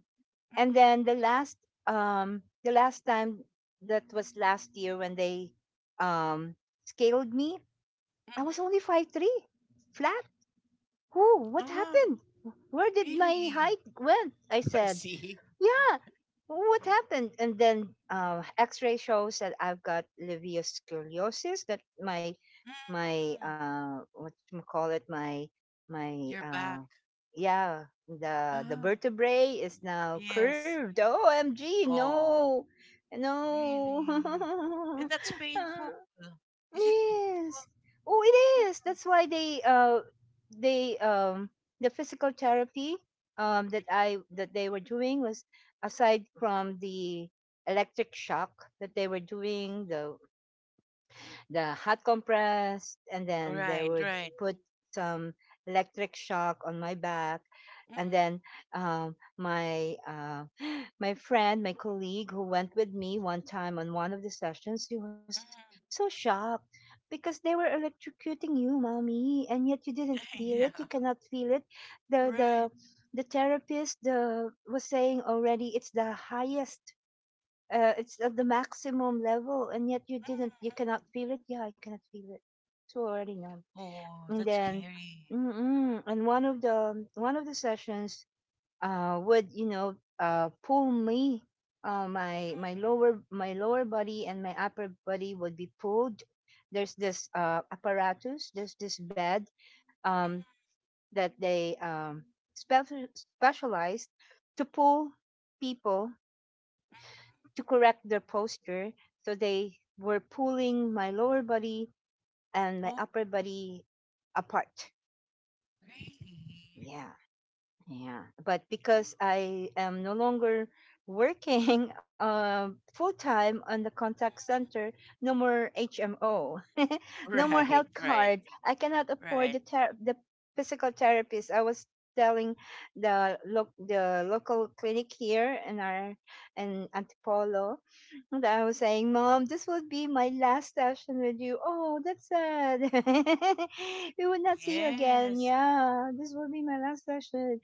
Speaker 1: and then the last time, that was last year, when they um scaled me, I was
Speaker 2: mhm.
Speaker 1: only 5'3" flat. Who, what
Speaker 2: Ah,
Speaker 1: happened, where did my
Speaker 2: really?
Speaker 1: height went, I said?
Speaker 2: See?
Speaker 1: Yeah. What happened? And then, X-ray shows that I've got sclerosis. That my
Speaker 2: Mm,
Speaker 1: what you call it? My
Speaker 2: you're back.
Speaker 1: Yeah. The
Speaker 2: Ah,
Speaker 1: vertebrae is now
Speaker 2: yes.
Speaker 1: curved. OMG!
Speaker 2: Oh,
Speaker 1: No, no.
Speaker 2: really? And that's painful. Is it painful?
Speaker 1: Yes. Oh, it is. That's why they the physical therapy that I that they were doing was, aside from the electric shock that they were doing, the hot compress, and then they
Speaker 2: Right,
Speaker 1: would
Speaker 2: right.
Speaker 1: put some electric shock on my back. And
Speaker 2: Mm,
Speaker 1: then um my uh, my friend, my colleague who went with me one time on one of the sessions, he was
Speaker 2: mhm.
Speaker 1: so shocked because they were electrocuting you, mommy, and yet you didn't feel
Speaker 2: Yeah,
Speaker 1: it. You cannot feel it. The
Speaker 2: right.
Speaker 1: the the therapist, the, was saying already it's the highest, it's at the maximum level, and yet you
Speaker 2: Mm,
Speaker 1: didn't. You cannot
Speaker 2: mm.
Speaker 1: feel it. Yeah, I cannot feel it. So already numb.
Speaker 2: Oh,
Speaker 1: And
Speaker 2: that's
Speaker 1: then,
Speaker 2: scary.
Speaker 1: mm-mm, and one of the sessions, would, you know, pull me,
Speaker 2: Mm,
Speaker 1: my lower body and my upper body would be pulled. There's this, apparatus, there's this bed,
Speaker 2: mm,
Speaker 1: um, that they, specialized to pull people
Speaker 2: mhm.
Speaker 1: to correct their posture. So they were pulling my lower body and my
Speaker 2: Oh,
Speaker 1: upper body apart.
Speaker 2: really?
Speaker 1: Yeah. Yeah, but
Speaker 2: Oh,
Speaker 1: because I am no longer working full time on the contact center, no more HMO, no more health
Speaker 2: right, right,
Speaker 1: card. I cannot afford
Speaker 2: right.
Speaker 1: the the physical therapist. I was telling the local clinic here in our, in Antipolo, that I was saying, "Mom, this will be my last session with you." Oh, that's sad. We will not see you again.
Speaker 2: Yes,
Speaker 1: Yeah, this will be my last session.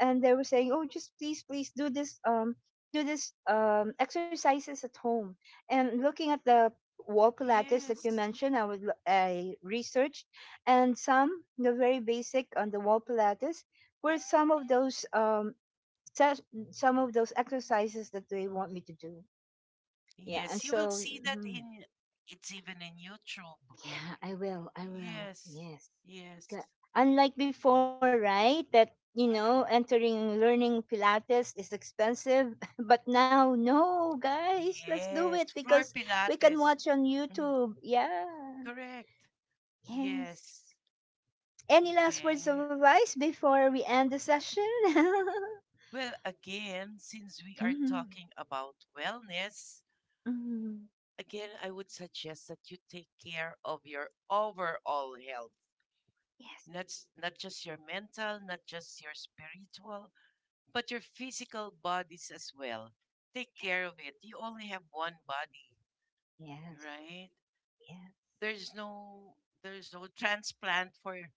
Speaker 1: And they were saying, "Oh, just please, please do this, do this, exercises at home." And looking at the wall pilates that you
Speaker 2: yes.
Speaker 1: mentioned, I would I researched, and some the very basic on the wall pilates were
Speaker 2: Mm-mm.
Speaker 1: some of those, ses- some of those exercises that they want me to do. Yeah, and
Speaker 2: Yes, you will
Speaker 1: so.
Speaker 2: see that
Speaker 1: Mhm.
Speaker 2: in it's even in YouTube.
Speaker 1: Yeah, I will. I will.
Speaker 2: Yes,
Speaker 1: Yes. Ga-
Speaker 2: yes.
Speaker 1: Unlike before, right? That, you know,
Speaker 2: Mm.
Speaker 1: entering learning Pilates is expensive. But now, no, guys, let's do
Speaker 2: Yes,
Speaker 1: it
Speaker 2: floor
Speaker 1: because we can
Speaker 2: pilates.
Speaker 1: watch on
Speaker 2: Mm.
Speaker 1: YouTube. Yeah.
Speaker 2: Correct.
Speaker 1: Yes.
Speaker 2: Yes.
Speaker 1: Any last words of
Speaker 2: Okay.
Speaker 1: advice before we end the session?
Speaker 2: Well, again, since we are
Speaker 1: Mhm,
Speaker 2: talking about wellness,
Speaker 1: mhm.
Speaker 2: again, I would suggest that you take care of your overall health.
Speaker 1: Yes.
Speaker 2: Not, not just your mental, not just your spiritual, but your physical bodies as well. Take
Speaker 1: Yes.
Speaker 2: care of it. You only have one body,
Speaker 1: Yes.
Speaker 2: right?
Speaker 1: Yes.
Speaker 2: There's no there's no transplant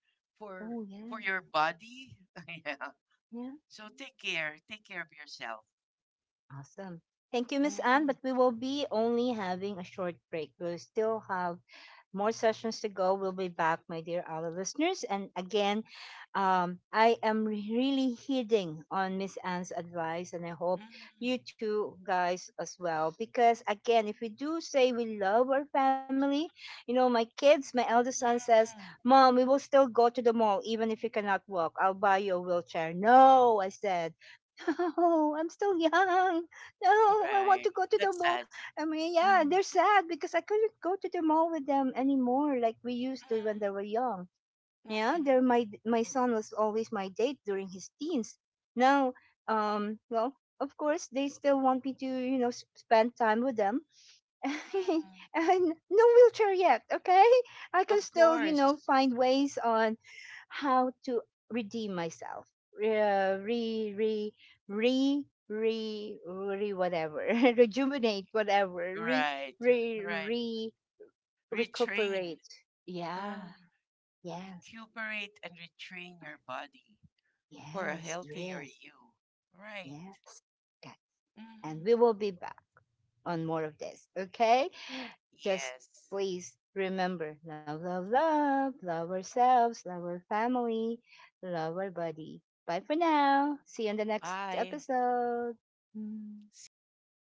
Speaker 1: Oh,
Speaker 2: for for
Speaker 1: yes.
Speaker 2: your body. Yeah.
Speaker 1: Yeah.
Speaker 2: So take care. Take care of yourself.
Speaker 1: Awesome. Thank you, Miss Anne.
Speaker 2: Mm-mm,
Speaker 1: But we will be only having a short break. We'll still have more sessions to go. We'll be back, my dear our listeners. And again, I am really heeding on Miss Anne's advice, and I hope
Speaker 2: mm-mm,
Speaker 1: you two guys as well. Because again, if we do say we love our family, you know, my kids, my eldest son says,
Speaker 2: mm-mm.
Speaker 1: "Mom, we will still go to the mall even if you cannot walk. I'll buy you a wheelchair." No, I said. No, I'm still young. No, I want
Speaker 2: Right.
Speaker 1: to go to the
Speaker 2: That's
Speaker 1: mall.
Speaker 2: sad.
Speaker 1: I mean, yeah,
Speaker 2: Mm,
Speaker 1: they're sad because I couldn't go to the mall with them anymore like we used to when
Speaker 2: mm,
Speaker 1: they were young. Yeah,
Speaker 2: mm,
Speaker 1: they're my son was always my date during his teens. Now, um, well, of course, they still want me to, you know, spend time with them.
Speaker 2: mm.
Speaker 1: And no wheelchair yet, okay? I can
Speaker 2: Of
Speaker 1: still, you know,
Speaker 2: course.
Speaker 1: find ways on how to redeem myself, re re re re re, re whatever rejuvenate, whatever re
Speaker 2: Right.
Speaker 1: re
Speaker 2: Right.
Speaker 1: re
Speaker 2: Retrain.
Speaker 1: recuperate. Yeah.
Speaker 2: Uh,
Speaker 1: Yes,
Speaker 2: Recuperate and retrain your body. For a
Speaker 1: yes,
Speaker 2: healthier
Speaker 1: yes,
Speaker 2: you. Right.
Speaker 1: yes. Okay. And
Speaker 2: Hmm.
Speaker 1: we will be back on more of this. Okay? Just
Speaker 2: Yes.
Speaker 1: please remember love, love, love. Love ourselves, love our family, love our body. Bye for now. See you in the next
Speaker 2: Bye.
Speaker 1: episode. Mm.
Speaker 2: See you again.